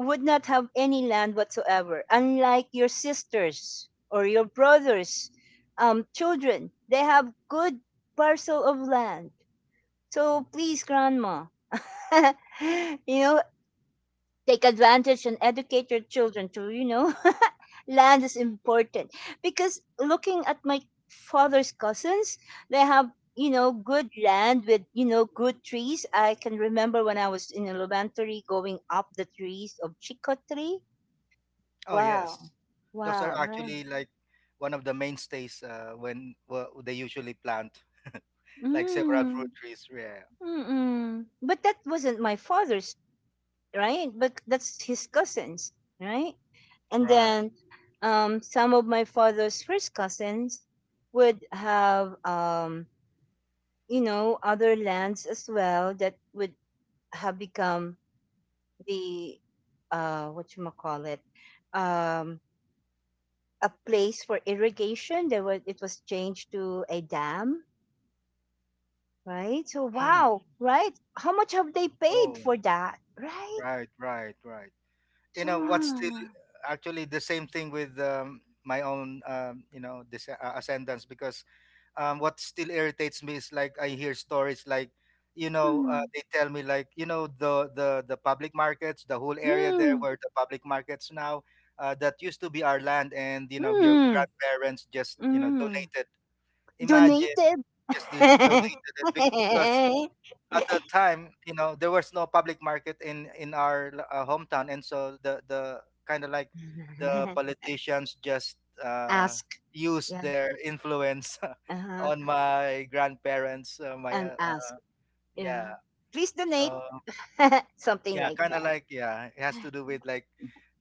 Speaker 1: would not have any land whatsoever, unlike your sisters or your brothers' children. They have good parcel of land. So please, grandma." <laughs> You know, take advantage and educate your children to you know <laughs> land is important because looking at my father's cousins they have you know good land with you know good trees I can remember when I was in elementary going up the trees of chico tree.
Speaker 2: Oh
Speaker 1: Wow,
Speaker 2: yes, those are
Speaker 1: wow, right.
Speaker 2: actually like one of the mainstays they usually plant, <laughs> like several
Speaker 1: mm,
Speaker 2: fruit trees. Yeah,
Speaker 1: mm-mm. But that wasn't my father's, right? But that's his cousins, right? And
Speaker 2: right.
Speaker 1: then some of my father's first cousins would have you know other lands as well that would have become the what you call it um, a place for irrigation. There was, it was changed to a dam, right? So
Speaker 2: Mm.
Speaker 1: wow, right, how much have they paid
Speaker 2: Oh,
Speaker 1: for that, right?
Speaker 2: right, right, right. You
Speaker 1: So
Speaker 2: know what's still
Speaker 1: mm,
Speaker 2: actually the same thing with my own, you know, this ascendants because what still irritates me is like I hear stories like, you know,
Speaker 1: hmm,
Speaker 2: they tell me like, you know, the public markets, the whole area there
Speaker 1: hmm,
Speaker 2: where the public markets now, that used to be our land, and you know, your
Speaker 1: hmm,
Speaker 2: grandparents just you know
Speaker 1: mm.
Speaker 2: donated. Imagine
Speaker 1: Donated? <laughs>
Speaker 2: donated it because at that time, you know, there was no public market in our hometown, and so the kind of like the politicians just uh,
Speaker 1: Ask.
Speaker 2: used
Speaker 1: Yeah.
Speaker 2: their influence <laughs>
Speaker 1: Uh-huh.
Speaker 2: on my grandparents, my
Speaker 1: And ask.
Speaker 2: yeah.
Speaker 1: Yeah. Please donate.
Speaker 2: So
Speaker 1: <laughs> Something
Speaker 2: yeah,
Speaker 1: like
Speaker 2: kind of
Speaker 1: that.
Speaker 2: like yeah, it has to do with like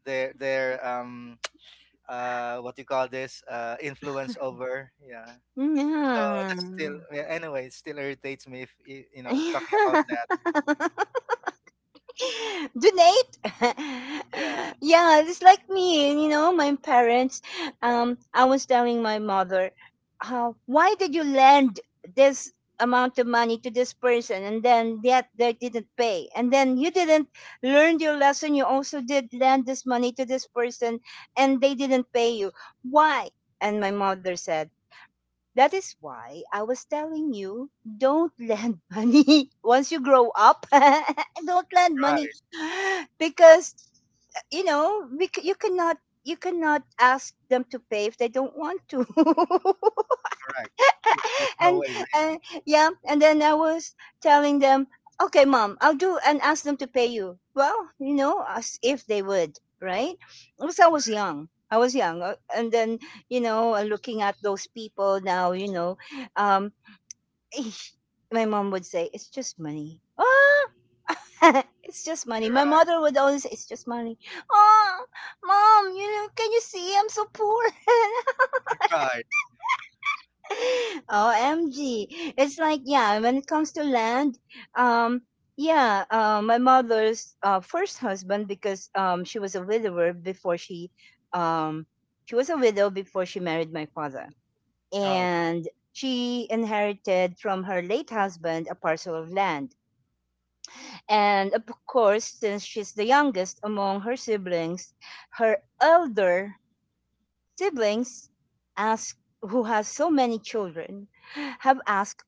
Speaker 2: their <tsk> what you call this influence over yeah. So that's still yeah, anyway, it still irritates me if you know talking
Speaker 1: Yeah.
Speaker 2: about that.
Speaker 1: <laughs> <laughs> donate <laughs>
Speaker 2: Yeah,
Speaker 1: yeah just like me you know my parents I was telling my mother, why did you lend this amount of money to this person and then yet they didn't pay and then you didn't learn your lesson, you also did lend this money to this person and they didn't pay you, why? And my mother said, that is why I was telling you don't lend <laughs> money once you grow up. <laughs> Don't lend money
Speaker 2: right.
Speaker 1: <gasps> because you know you cannot ask them to pay if they don't want to.
Speaker 2: Correct. Yeah, there's
Speaker 1: <laughs>
Speaker 2: no
Speaker 1: and
Speaker 2: way. Really.
Speaker 1: yeah, and then I was telling them, okay, mom, I'll do and ask them to pay you. Well, you know, as if they would, right? Because I was young. I was young and then looking at those people now, um, <laughs> my mom would say, "It's just money." Ah, <laughs> it's just money.
Speaker 2: You're
Speaker 1: My
Speaker 2: right.
Speaker 1: mother would always say, "It's just money." Oh, mom, you know, can you see I'm so poor? <laughs>
Speaker 2: Right.
Speaker 1: OMG. It's like, yeah, when it comes to land, um, yeah, my mother's first husband, because she was a widower before um, she was a widow before she married my father.
Speaker 2: Oh,
Speaker 1: And she inherited from her late husband a parcel of land. And of course, since she's the youngest among her siblings, her elder siblings ask who has so many children have asked,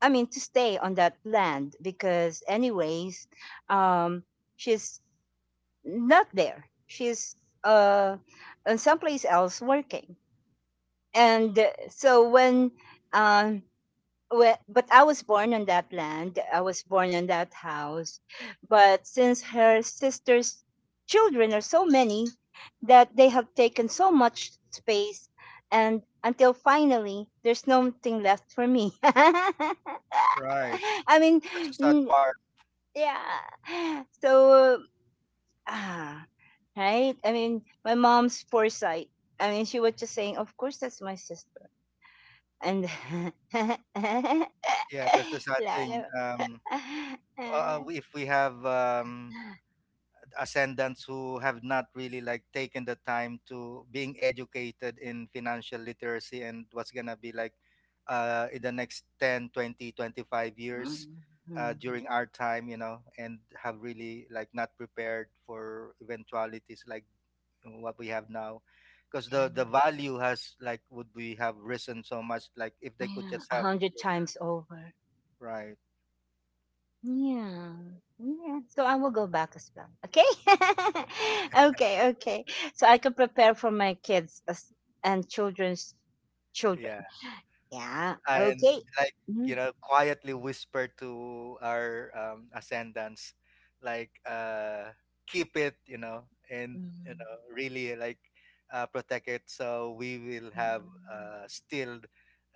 Speaker 1: I mean, to stay on that land because anyways, um she's not there. She's uh in someplace else working. And um but I was born on that land. I was born on that house. But since her sister's children are so many that they have taken so much space, and until finally, there's nothing left for me. <laughs> I
Speaker 2: right.
Speaker 1: mean,
Speaker 2: That's the sad
Speaker 1: mm,
Speaker 2: part.
Speaker 1: yeah. So, ah, right? I mean, my mom's foresight. I mean, she was just saying, of course, that's my sister. And
Speaker 2: Yeah, that's the
Speaker 1: <laughs>
Speaker 2: sad
Speaker 1: like,
Speaker 2: thing.
Speaker 1: <laughs>
Speaker 2: If we have ascendants who have not really like taken the time to being educated in financial literacy and what's gonna be like in the next 10, 20, 25 years
Speaker 1: mhm.
Speaker 2: during our time, you know, and have really like not prepared for eventualities like what we have now because the
Speaker 1: Yeah,
Speaker 2: the value has like would we have risen so much like if they could
Speaker 1: yeah,
Speaker 2: just
Speaker 1: a
Speaker 2: have
Speaker 1: hundred times over.
Speaker 2: right
Speaker 1: Yeah, yeah. So I will go back as well. Okay, <laughs> okay, okay. So I can prepare for my kids as, and children's children.
Speaker 2: yeah
Speaker 1: Yeah.
Speaker 2: and
Speaker 1: Okay.
Speaker 2: like you
Speaker 1: Mhm.
Speaker 2: know quietly whisper to our ascendants like keep it you know and you
Speaker 1: Mhm.
Speaker 2: know really like protect it so we will have still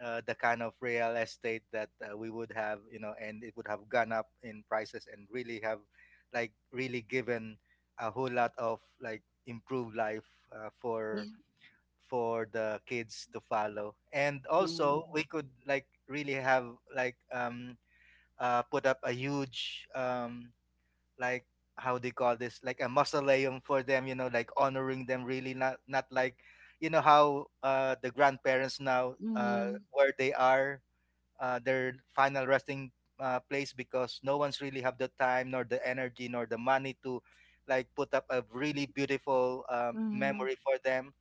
Speaker 2: the kind of real estate that we would have you know and it would have gone up in prices and really have like really given a whole lot of like improved life uh, for
Speaker 1: Yeah.
Speaker 2: for the kids to follow. And
Speaker 1: Yeah.
Speaker 2: also, we could like really have like put up a huge like how do you call this like a mausoleum for them, you know, like honoring them really not not like you know how the grandparents now
Speaker 1: Mhm.
Speaker 2: where they are their final resting place because no one's really have the time nor the energy nor the money to like put up a really beautiful
Speaker 1: Mhm.
Speaker 2: memory for them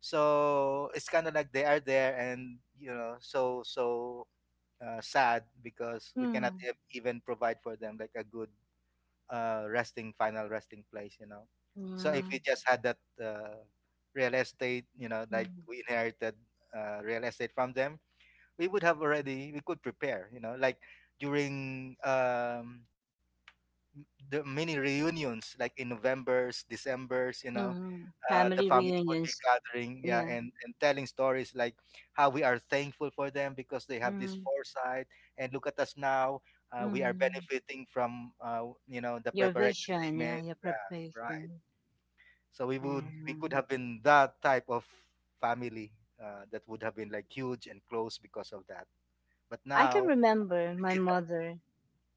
Speaker 2: so it's kind of like they are there and you know so sad because we cannot
Speaker 1: Mhm.
Speaker 2: even provide for them like a good resting final resting place you know so if
Speaker 1: Yeah.
Speaker 2: we just had that uh, real estate you know like
Speaker 1: Mhm.
Speaker 2: we inherited real estate from them we would have already we could prepare you know like during the mini reunions like in novembers decembers you know
Speaker 1: Mhm.
Speaker 2: the
Speaker 1: Family
Speaker 2: family would be
Speaker 1: reunions.
Speaker 2: gathering yeah
Speaker 1: Yeah.
Speaker 2: and telling stories like how we are thankful for them because they have this
Speaker 1: Mhm.
Speaker 2: foresight and look at us now we are
Speaker 1: Mhm.
Speaker 2: benefiting from you know the
Speaker 1: Your
Speaker 2: preparations they
Speaker 1: vision, yeah,
Speaker 2: made
Speaker 1: your
Speaker 2: yeah, right
Speaker 1: preparation.
Speaker 2: so we would we could
Speaker 1: And
Speaker 2: have been that type of family that would have been like huge and close because of that but
Speaker 1: I can
Speaker 2: now.
Speaker 1: remember my mother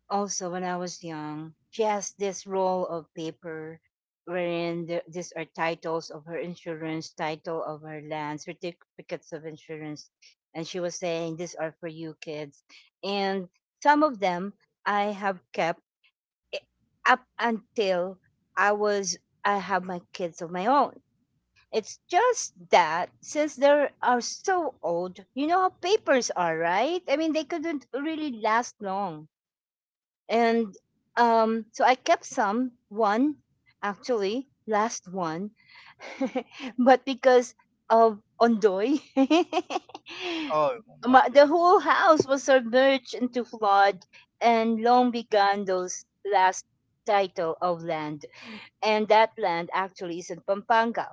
Speaker 1: also when I was young. She has this roll of paper wherein the, these are titles of her insurance, title of her land, certificates of insurance. And she was saying, these are for you kids. And some of them I have kept I- up until I was, I have my kids of my own. It's just that since they are so old, you know how papers are, right? I mean, they couldn't really last long. And so I kept some, one actually, last one, <laughs> but because of Ondoy,
Speaker 2: Oh,
Speaker 1: <laughs> ma-
Speaker 2: okay,
Speaker 1: the whole house was submerged into flood and long began those last title of land. And that land actually is in Pampanga.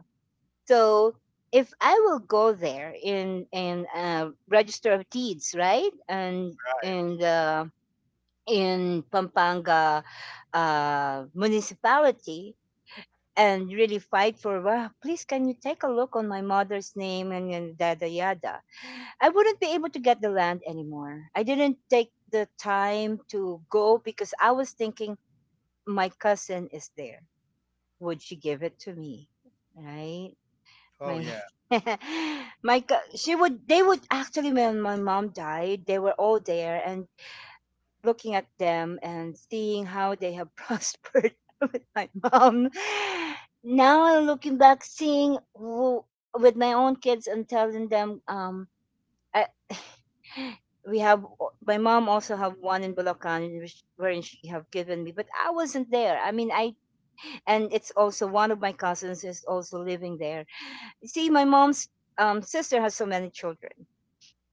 Speaker 1: So if I will go there in in register of deeds, right, and
Speaker 2: right.
Speaker 1: in the in Pampanga municipality, and really fight for, well, please can you take a look on my mother's name and yada yada. I wouldn't be able to get the land anymore. I didn't take the time to go because I was thinking my cousin is there. Would she give it to me? Right?
Speaker 2: Oh,
Speaker 1: My
Speaker 2: yeah,
Speaker 1: <laughs> my co- she would, they would, actually when my mom died they were all there and looking at them and seeing how they have <laughs> prospered with my mom, now I'm looking back seeing who, with my own kids and telling them I, <gasps> we have my mom also have one in Bulacan which wherein she have given me but I wasn't there, I mean I, and it's also one of my cousins is also living there. You see, my mom's sister has so many children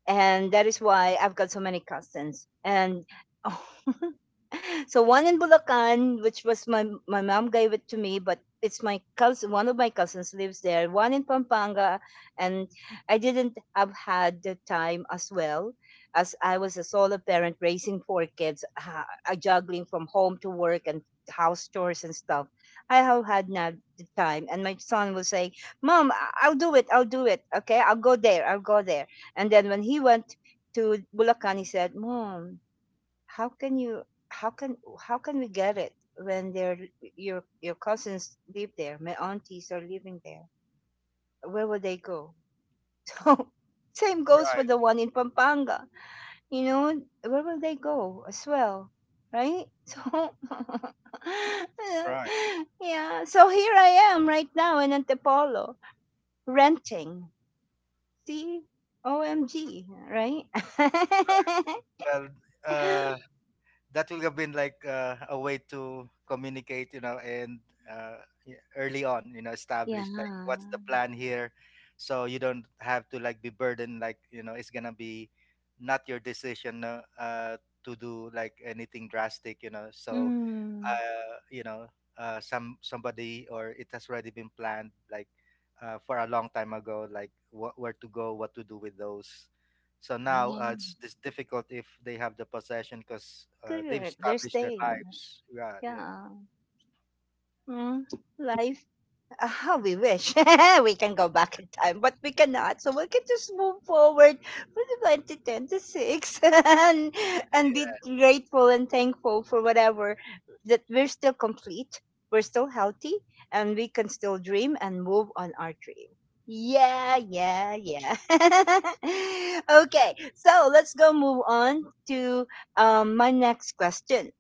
Speaker 1: and that is why I've got so many cousins. And <laughs> so one in Bulacan, which was my my mom gave it to me, but it's my cousin. One of my cousins lives there. One in Pampanga, and I didn't have had the time as well as I was a solo parent raising 4 kids, juggling from home to work and house chores and stuff. I have had not the time, and my son will say, "Mom, I- I'll do it. I'll do it. Okay, I'll go there. I'll go there." And then when he went to Bulacan, he said, "Mom, how can you? How can we get it when their your cousins live there? My aunties are living there. Where will they go?" <laughs> So same goes for
Speaker 2: right,
Speaker 1: the one in Pampanga. You know, where will they go as well, right? <laughs> So
Speaker 2: right.
Speaker 1: <laughs> yeah. So here I am right now in Antipolo renting. See, OMG, right?
Speaker 2: Well, uh,
Speaker 1: <laughs>
Speaker 2: that will have been like a way to communicate, you know, and uh, yeah, early on, you know,
Speaker 1: Yeah.
Speaker 2: establish like what's the plan here, so you don't have to like be burdened, like you know, it's gonna be not your decision to do like anything drastic, you know. So
Speaker 1: Mm.
Speaker 2: you know, somebody or it has already been planned like for a long time ago, like what where to go, what to do with those. So now
Speaker 1: Yeah.
Speaker 2: it's difficult if they have the possession because they've
Speaker 1: Correct. They're
Speaker 2: established their
Speaker 1: staying.
Speaker 2: lives. Yeah, yeah,
Speaker 1: Yeah. Mm. Life. Ah, we wish <laughs> we can go back in time, but we cannot. So we can just move forward from 2010 to six, <laughs> and be
Speaker 2: yeah.
Speaker 1: grateful and thankful for whatever that we're still complete, we're still healthy, and we can still dream and move on our dream. Yeah, yeah, yeah. <laughs> Okay, so let's go move on to my next question.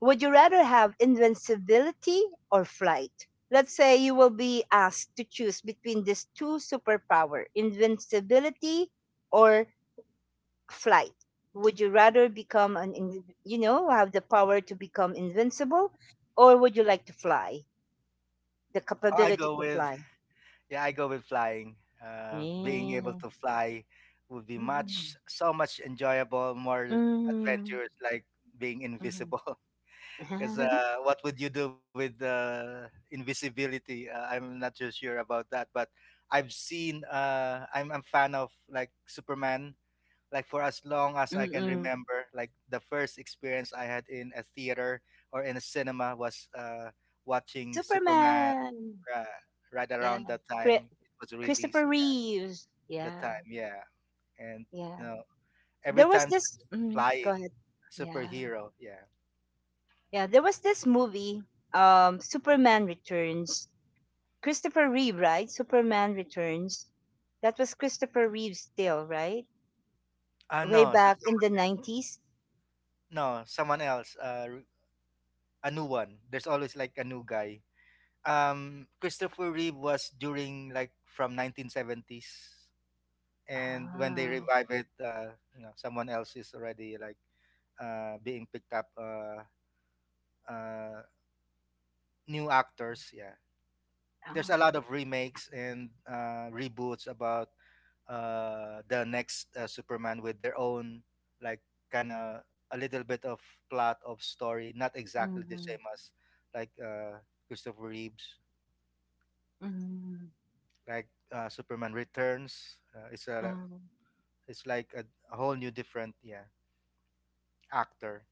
Speaker 1: Would you rather have invincibility or flight? Let's say you will be asked to choose between these two superpower, invincibility or flight. Would you rather become an, in- you know, have the power to become invincible, or would you like to fly, the
Speaker 2: I
Speaker 1: capability
Speaker 2: go
Speaker 1: to
Speaker 2: with
Speaker 1: fly?
Speaker 2: yeah, I go with flying. Being able
Speaker 1: Mm.
Speaker 2: to fly would be
Speaker 1: Mm.
Speaker 2: much so much enjoyable, more
Speaker 1: Mm.
Speaker 2: adventurous, like being
Speaker 1: Mm.
Speaker 2: invisible. Because
Speaker 1: <laughs>
Speaker 2: what would you do with invisibility? I'm not too sure about that, but I've seen. I'm fan of like Superman. Like for as long as I can
Speaker 1: Mm-mm.
Speaker 2: remember, like the first experience I had in a theater or in a cinema was watching Superman.
Speaker 1: Superman.
Speaker 2: Uh, right around
Speaker 1: Yeah.
Speaker 2: that
Speaker 1: Cri-
Speaker 2: time it was released.
Speaker 1: Christopher Reeves.
Speaker 2: The
Speaker 1: Yeah.
Speaker 2: time, yeah, and you
Speaker 1: Yeah.
Speaker 2: know every
Speaker 1: There was
Speaker 2: time they're
Speaker 1: this mhm, go
Speaker 2: flying
Speaker 1: ahead. Yeah,
Speaker 2: superhero, yeah.
Speaker 1: yeah, there was this movie, Superman Returns. Christopher Reeve, right? Superman Returns. That was Christopher Reeve still, right?
Speaker 2: Ah
Speaker 1: Way
Speaker 2: no, so-
Speaker 1: back in the 90s.
Speaker 2: no, someone else. A new one. There's always like a new guy. Christopher Reeve was during like from 1970s, and when they
Speaker 1: Ah,
Speaker 2: revive it, you know, someone else is already like being picked up. Uh, new actors, yeah. There's a
Speaker 1: oh,
Speaker 2: lot of remakes and reboots about the next Superman with their own like kind of a little bit of plot of story, not exactly the
Speaker 1: mhm,
Speaker 2: same as like Christopher Reeves.
Speaker 1: mhm,
Speaker 2: Like Superman Returns.
Speaker 1: mhm.
Speaker 2: It's like a whole new different yeah actor.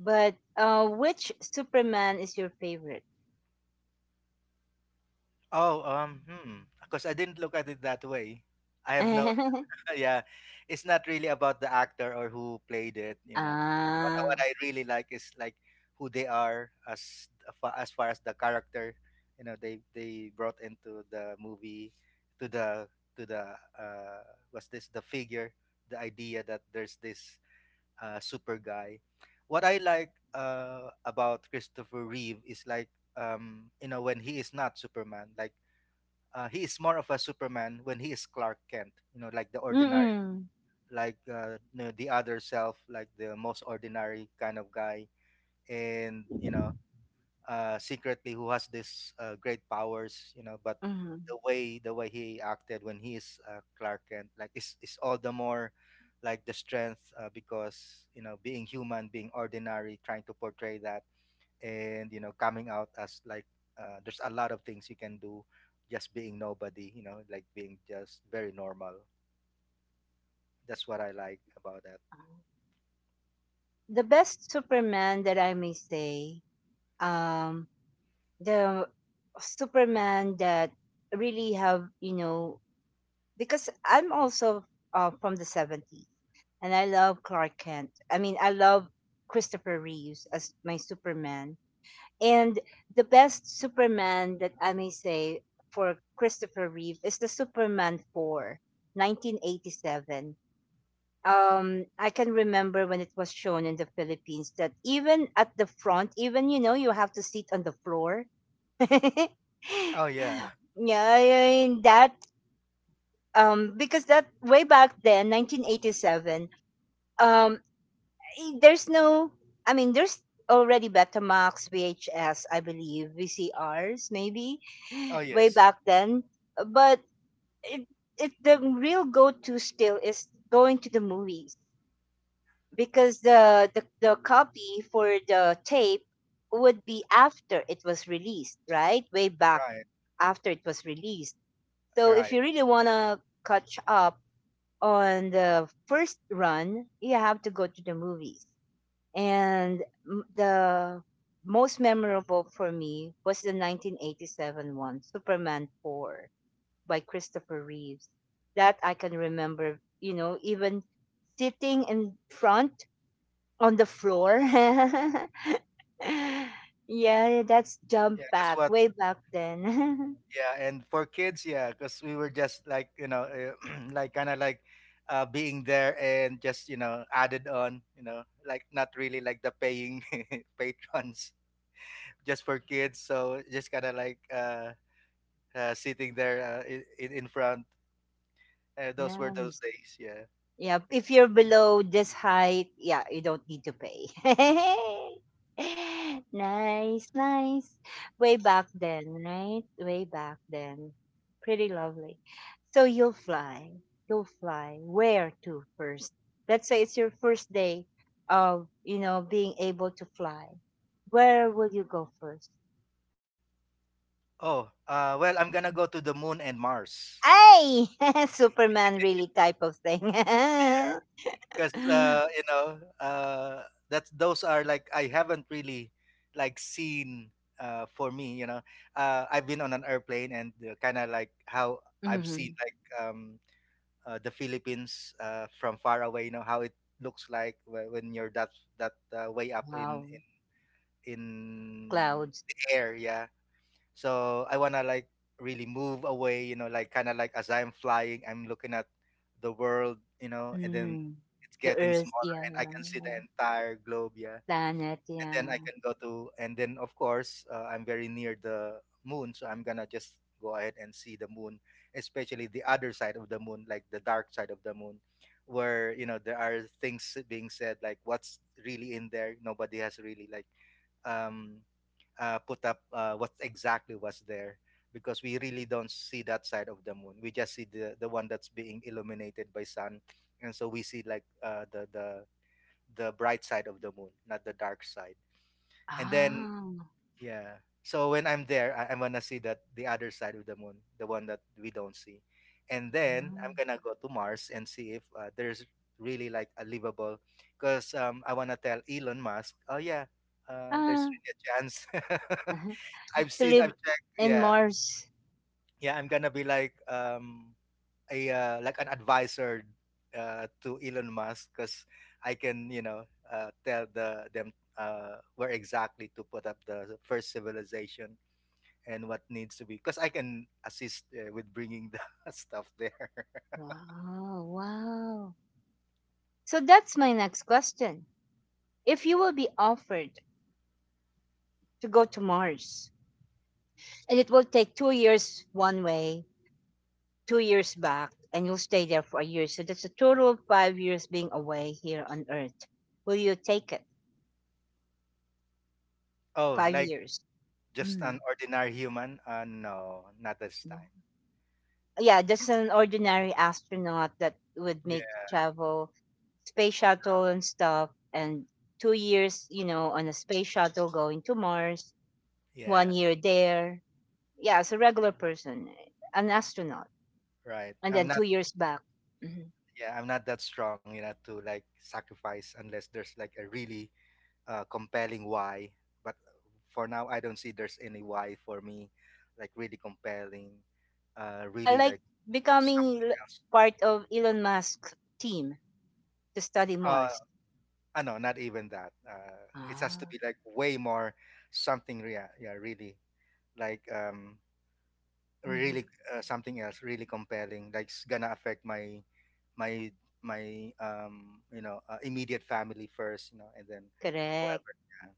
Speaker 1: But uh, which Superman is your favorite?
Speaker 2: Oh um hmm because I didn't look at it that way. I
Speaker 1: <laughs>
Speaker 2: have no
Speaker 1: Ah.
Speaker 2: <laughs> yeah. It's not really about the actor or who played it. You know what I really like is like who they are as as far as the character. You know they brought into the movie to the to the was this the figure the idea that there's this super guy. What I like about Christopher Reeve is like you know when he is not Superman, like he is more of a Superman when he is Clark Kent. You know, like the
Speaker 1: Mm.
Speaker 2: ordinary,
Speaker 1: Mm-mm.
Speaker 2: like you know, the other self, like the most ordinary kind of guy. And you know, secretly who has this great powers, you know. But
Speaker 1: Mm.
Speaker 2: the way he acted when he is Clark Kent, like is all the more like the strength because you know being human, being ordinary, trying to portray that, and you know coming out as like there's a lot of things you can do just being nobody, you know, like being just very normal. That's what I like about that.
Speaker 1: The best Superman that I may say, um the Superman that really have, you know, because I'm also from the 70s and I love Clark Kent. I mean, I love Christopher Reeves as my Superman. And the best Superman that I may say for Christopher Reeve is the Superman 4, 1987. I can remember when it was shown in the Philippines that even at the front, even you know, you have to sit on the floor. <laughs> Yeah,
Speaker 2: Oh yeah.
Speaker 1: I that because that way back then, 1987, um I- there's no, I mean, there's already Betamax, VHS, I believe, VCRs maybe
Speaker 2: Oh
Speaker 1: way
Speaker 2: yes.
Speaker 1: back then, but it, it the real go-to still is going to the movies because the copy for the tape would be after it was released, right? Way back
Speaker 2: Right.
Speaker 1: after it was released. So if
Speaker 2: Right.
Speaker 1: you really want to catch up on the first run, you have to go to the movies. And m- the most memorable for me was the 1987 one, Superman 4 by Christopher Reeves. That I can remember, you know, even sitting in front on the floor. <laughs> Yeah, that's jump
Speaker 2: Yeah. That's
Speaker 1: back
Speaker 2: what.
Speaker 1: way back then.
Speaker 2: Yeah, and for kids, yeah, because we were just like you know, <clears throat> like kind of like being there and just you know added on, you know, like not really like the paying <laughs> patrons, just for kids. So just kind of like sitting there in front.
Speaker 1: <laughs>
Speaker 2: Those were those
Speaker 1: Nice.
Speaker 2: days, yeah.
Speaker 1: Yeah, if you're below this height, yeah, you don't need to pay. <laughs> Nice, nice. Way back then, right? Way back then. Pretty lovely. So you'll fly. You'll fly. Where to first? Let's say it's your first day of, you know, being able to fly. Where will you go first?
Speaker 2: Oh, well, I'm gonna go to the moon and Mars.
Speaker 1: Ay! <laughs> Superman really type of thing.
Speaker 2: Because
Speaker 1: <laughs>
Speaker 2: that's those are like I haven't really like seen for me. You know, I've been on an airplane and kind of like how I've seen
Speaker 1: Hmm.
Speaker 2: like the Philippines from far away. You know how it looks like when you're that that way up in
Speaker 1: Wow. The
Speaker 2: in
Speaker 1: clouds.
Speaker 2: the air. Yeah, so I wanna like really move away, you know, like kind of like as I'm flying, I'm looking at the world, you know, and then
Speaker 1: Mm.
Speaker 2: it's
Speaker 1: The
Speaker 2: getting
Speaker 1: Earth,
Speaker 2: smaller
Speaker 1: yeah.
Speaker 2: and I can see the entire globe, yeah.
Speaker 1: Planet,
Speaker 2: And then I
Speaker 1: yeah.
Speaker 2: can go to, and then of course, I'm very near the moon, so I'm gonna just go ahead and see the moon, especially the other side of the moon, like the dark side of the moon, where, you know, there are things being said, like what's really in there. Nobody has really like um put up what exactly was there because we really don't see that side of the moon. We just see the one that's being illuminated by sun, and so we see like uh, the the bright side of the moon, not the dark side. And then
Speaker 1: Ah.
Speaker 2: yeah, so when I'm there, I'm gonna see that the other side of the moon, the one that we don't see, and then I'm
Speaker 1: Mm.
Speaker 2: gonna go to Mars and see if there's really like a livable, because I wanna tell Elon Musk, oh yeah, there's
Speaker 1: Ah.
Speaker 2: really a chance. <laughs>
Speaker 1: <laughs>
Speaker 2: I've
Speaker 1: To
Speaker 2: seen,
Speaker 1: live
Speaker 2: I've checked.
Speaker 1: in
Speaker 2: Yeah,
Speaker 1: Mars.
Speaker 2: yeah. I'm gonna be like a like an advisor to Elon Musk because I can, you know, tell the them where exactly to put up the first civilization and what needs to be because I can assist with bringing the <laughs> stuff there. <laughs>
Speaker 1: Wow, wow. So that's my next question. If you will be offered to go to Mars and it will take 2 years one way, 2 years back, and you'll stay there for a year. So that's a total of 5 years being away here on Earth. Will you take it?
Speaker 2: oh,
Speaker 1: Five
Speaker 2: like
Speaker 1: years.
Speaker 2: just
Speaker 1: Mm.
Speaker 2: an ordinary human? No, not this
Speaker 1: Yeah.
Speaker 2: time.
Speaker 1: Yeah, just an ordinary astronaut that would
Speaker 2: Yeah,
Speaker 1: make the travel, space shuttle and stuff, and 2 years, you know, on a space shuttle going to Mars, one
Speaker 2: yeah,
Speaker 1: year there. Yeah, as a regular person, an astronaut,
Speaker 2: right.
Speaker 1: and
Speaker 2: I'm
Speaker 1: then
Speaker 2: not.
Speaker 1: 2 years back. Mhm.
Speaker 2: Yeah, I'm not that strong, you know, to like sacrifice unless there's like a really compelling why, but for now, I don't see there's any why for me, like really compelling,
Speaker 1: Yeah,
Speaker 2: really
Speaker 1: like
Speaker 2: like
Speaker 1: becoming
Speaker 2: something
Speaker 1: l-
Speaker 2: else.
Speaker 1: part of Elon Musk's team to study
Speaker 2: Uh,
Speaker 1: Mars.
Speaker 2: no, not even that. It has to
Speaker 1: Ah,
Speaker 2: be like way more something. Yeah, yeah, really like
Speaker 1: mhm.
Speaker 2: really something else, really compelling. Like it's gonna affect my, my you know, immediate family first, you know, and then whoever.
Speaker 1: Correct.
Speaker 2: Yeah.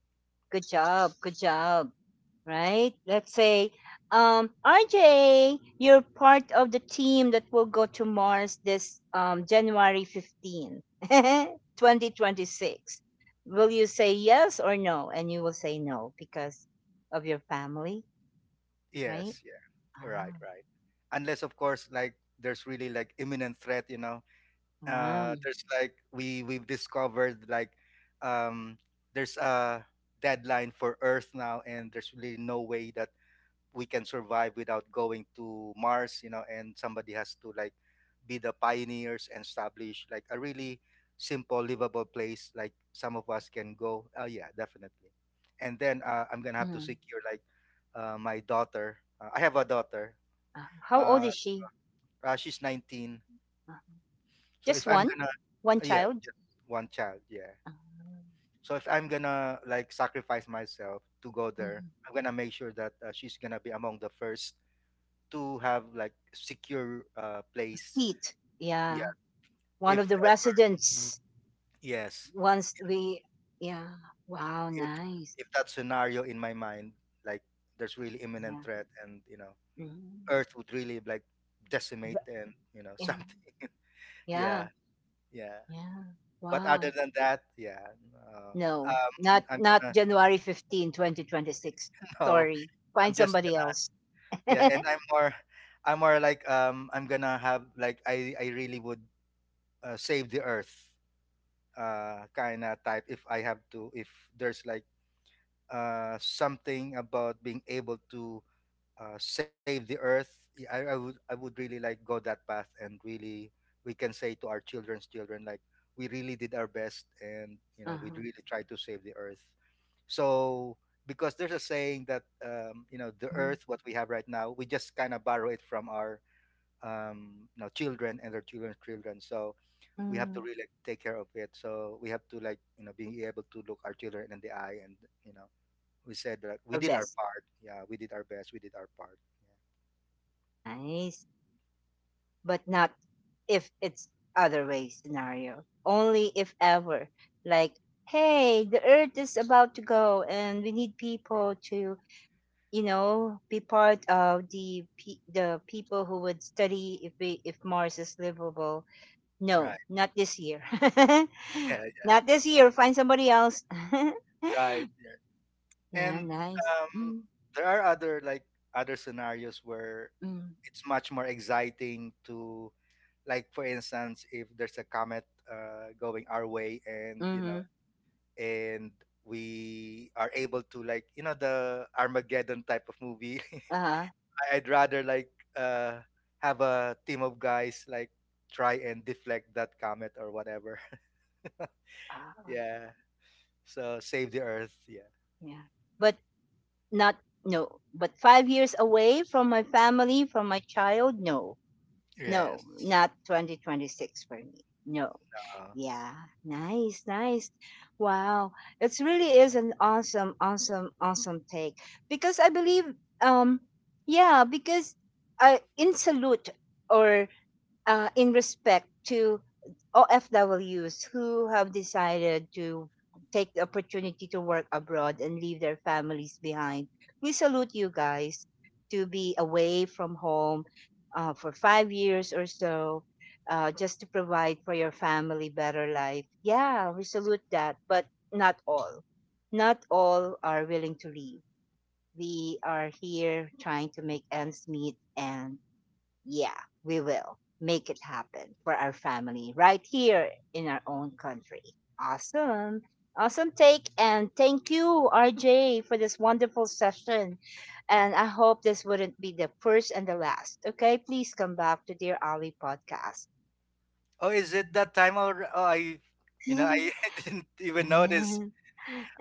Speaker 1: Good job. Good job. Right? Let's say, RJ, you're part of the team that will go to Mars this January 15, 2026. <laughs> Will you say yes or no? And you will say no because of your family, right?
Speaker 2: Yes, yeah. Right,
Speaker 1: Ah,
Speaker 2: right. Unless of course like there's really like imminent threat, you know.
Speaker 1: ah.
Speaker 2: There's like we've discovered like um there's a deadline for Earth now and there's really no way that we can survive without going to Mars, you know, and somebody has to like be the pioneers and establish like a really simple, livable place like some of us can go. Oh yeah, definitely. And then
Speaker 1: But
Speaker 2: I'm gonna have to
Speaker 1: mm,
Speaker 2: secure like my daughter. I have a daughter.
Speaker 1: ah, how old
Speaker 2: Uh,
Speaker 1: is she?
Speaker 2: she's 19.
Speaker 1: Ah,
Speaker 2: So
Speaker 1: just
Speaker 2: if I'm
Speaker 1: one?
Speaker 2: gonna,
Speaker 1: One
Speaker 2: yeah,
Speaker 1: child?
Speaker 2: just one child. Yeah.
Speaker 1: Ah,
Speaker 2: So if I'm gonna like sacrifice myself to go there,
Speaker 1: mhm.
Speaker 2: I'm gonna make sure that she's gonna be among the first to have like secure
Speaker 1: A
Speaker 2: place.
Speaker 1: seat.
Speaker 2: Yeah,
Speaker 1: Yeah. One of
Speaker 2: if
Speaker 1: the
Speaker 2: ever.
Speaker 1: residents.
Speaker 2: Yes,
Speaker 1: Once we, yeah. Wow,
Speaker 2: if
Speaker 1: nice.
Speaker 2: if that scenario in my mind, like there's really imminent
Speaker 1: Yeah.
Speaker 2: threat, and you know,
Speaker 1: Mm.
Speaker 2: Earth would really like decimate
Speaker 1: The-
Speaker 2: and you know <laughs>
Speaker 1: Yeah.
Speaker 2: something. Yeah,
Speaker 1: Yeah.
Speaker 2: yeah.
Speaker 1: Yeah.
Speaker 2: But
Speaker 1: Wow.
Speaker 2: other than that, yeah. Uh,
Speaker 1: No, not
Speaker 2: I'm
Speaker 1: not
Speaker 2: gonna
Speaker 1: January 15, 2026.
Speaker 2: <laughs> no.
Speaker 1: Sorry.
Speaker 2: I'm
Speaker 1: Find
Speaker 2: just
Speaker 1: somebody
Speaker 2: gonna
Speaker 1: else.
Speaker 2: yeah,
Speaker 1: <laughs>
Speaker 2: and I'm more like I'm gonna have like I really would save the Earth kind of type if I have to if there's like something about being able to save the earth, I would I would really like go that path and really we can say to our children's children like we really did our best and you know we
Speaker 1: Uh-huh.
Speaker 2: really tried to save the earth. So because there's a saying that you know the
Speaker 1: Hmm.
Speaker 2: earth what we have right now we just kind of borrow it from our you know children and their children's children. So we have
Speaker 1: Mm.
Speaker 2: to really take care of it. So we have to like you know being able to look our children in the eye and you know we said that
Speaker 1: Did
Speaker 2: we
Speaker 1: our
Speaker 2: did our
Speaker 1: best.
Speaker 2: part. Yeah, we did our best. We did our part. Yeah.
Speaker 1: Nice. But not if it's other way scenario. Only if ever. Like, hey, the earth is about to go and we need people to you know be part of the pe- the people who would study if we if Mars is livable.
Speaker 2: Right.
Speaker 1: No,
Speaker 2: <laughs>
Speaker 1: not this year. <laughs>
Speaker 2: Yeah. Yeah,
Speaker 1: Not this year. Find somebody else.
Speaker 2: right. Yeah.
Speaker 1: <laughs> Yeah,
Speaker 2: And
Speaker 1: nice.
Speaker 2: um,
Speaker 1: Mm,
Speaker 2: there are other like other scenarios where
Speaker 1: mm,
Speaker 2: it's much more exciting to, like for instance, if there's a comet going our way, and you
Speaker 1: mm-hmm.
Speaker 2: know, and we are able to like you know the Armageddon type of movie
Speaker 1: Uh-huh.
Speaker 2: <laughs> I'd rather like have a team of guys like try and deflect that comet or whatever. <laughs>
Speaker 1: Uh,
Speaker 2: Yeah. So save the earth. Yeah.
Speaker 1: yeah, but not no. But 5 years away from my family, from my child. No, no,
Speaker 2: Yes.
Speaker 1: not 2026 for me. No.
Speaker 2: Uh,
Speaker 1: Yeah, nice, nice. Wow, it really is an awesome, awesome, awesome take because I believe, um, yeah, because in salute or in respect to OFWs who have decided to take the opportunity to work abroad and leave their families behind. We salute you guys to be away from home for 5 years or so. Just to provide for your family better life. Yeah, we salute that, but not all. Not all are willing to leave. We are here trying to make ends meet and yeah, we will make it happen for our family right here in our own country. Awesome. Awesome take. And thank you, RJ, for this wonderful session. And I hope this wouldn't be the first and the last. Okay, please come back to Dear Ali podcast.
Speaker 2: oh, is it that time already? You know, I
Speaker 1: <laughs>
Speaker 2: <laughs> didn't even notice.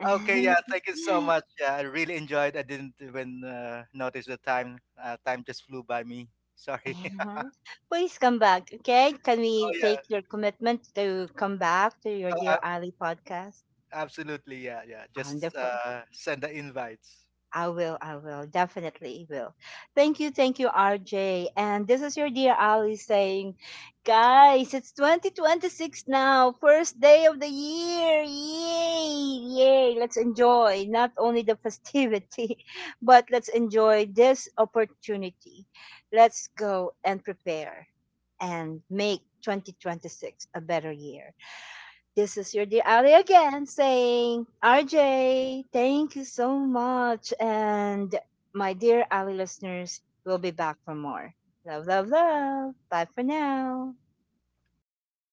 Speaker 2: Okay, yeah, thank you so much. Yeah, I really enjoyed. I didn't even notice the time. Time just flew by me. Sorry. <laughs>
Speaker 1: Please come back, okay? Can we
Speaker 2: oh yeah,
Speaker 1: take your commitment to come back to your
Speaker 2: oh,
Speaker 1: Dear
Speaker 2: ab-
Speaker 1: Ali podcast?
Speaker 2: absolutely. Yeah, yeah. Just
Speaker 1: Wonderful.
Speaker 2: send the invites.
Speaker 1: I will, definitely will. Thank you, RJ. And this is your dear Ali saying, guys, it's 2026 now, first day of the year. Yay, yay. Let's enjoy not only the festivity, <laughs> but let's enjoy this opportunity. Let's go and prepare and make 2026 a better year. This is your dear Ali again saying, RJ, thank you so much. And my dear Ali listeners, we'll be back for more. Love, love, love. Bye for now.
Speaker 2: Bye bye.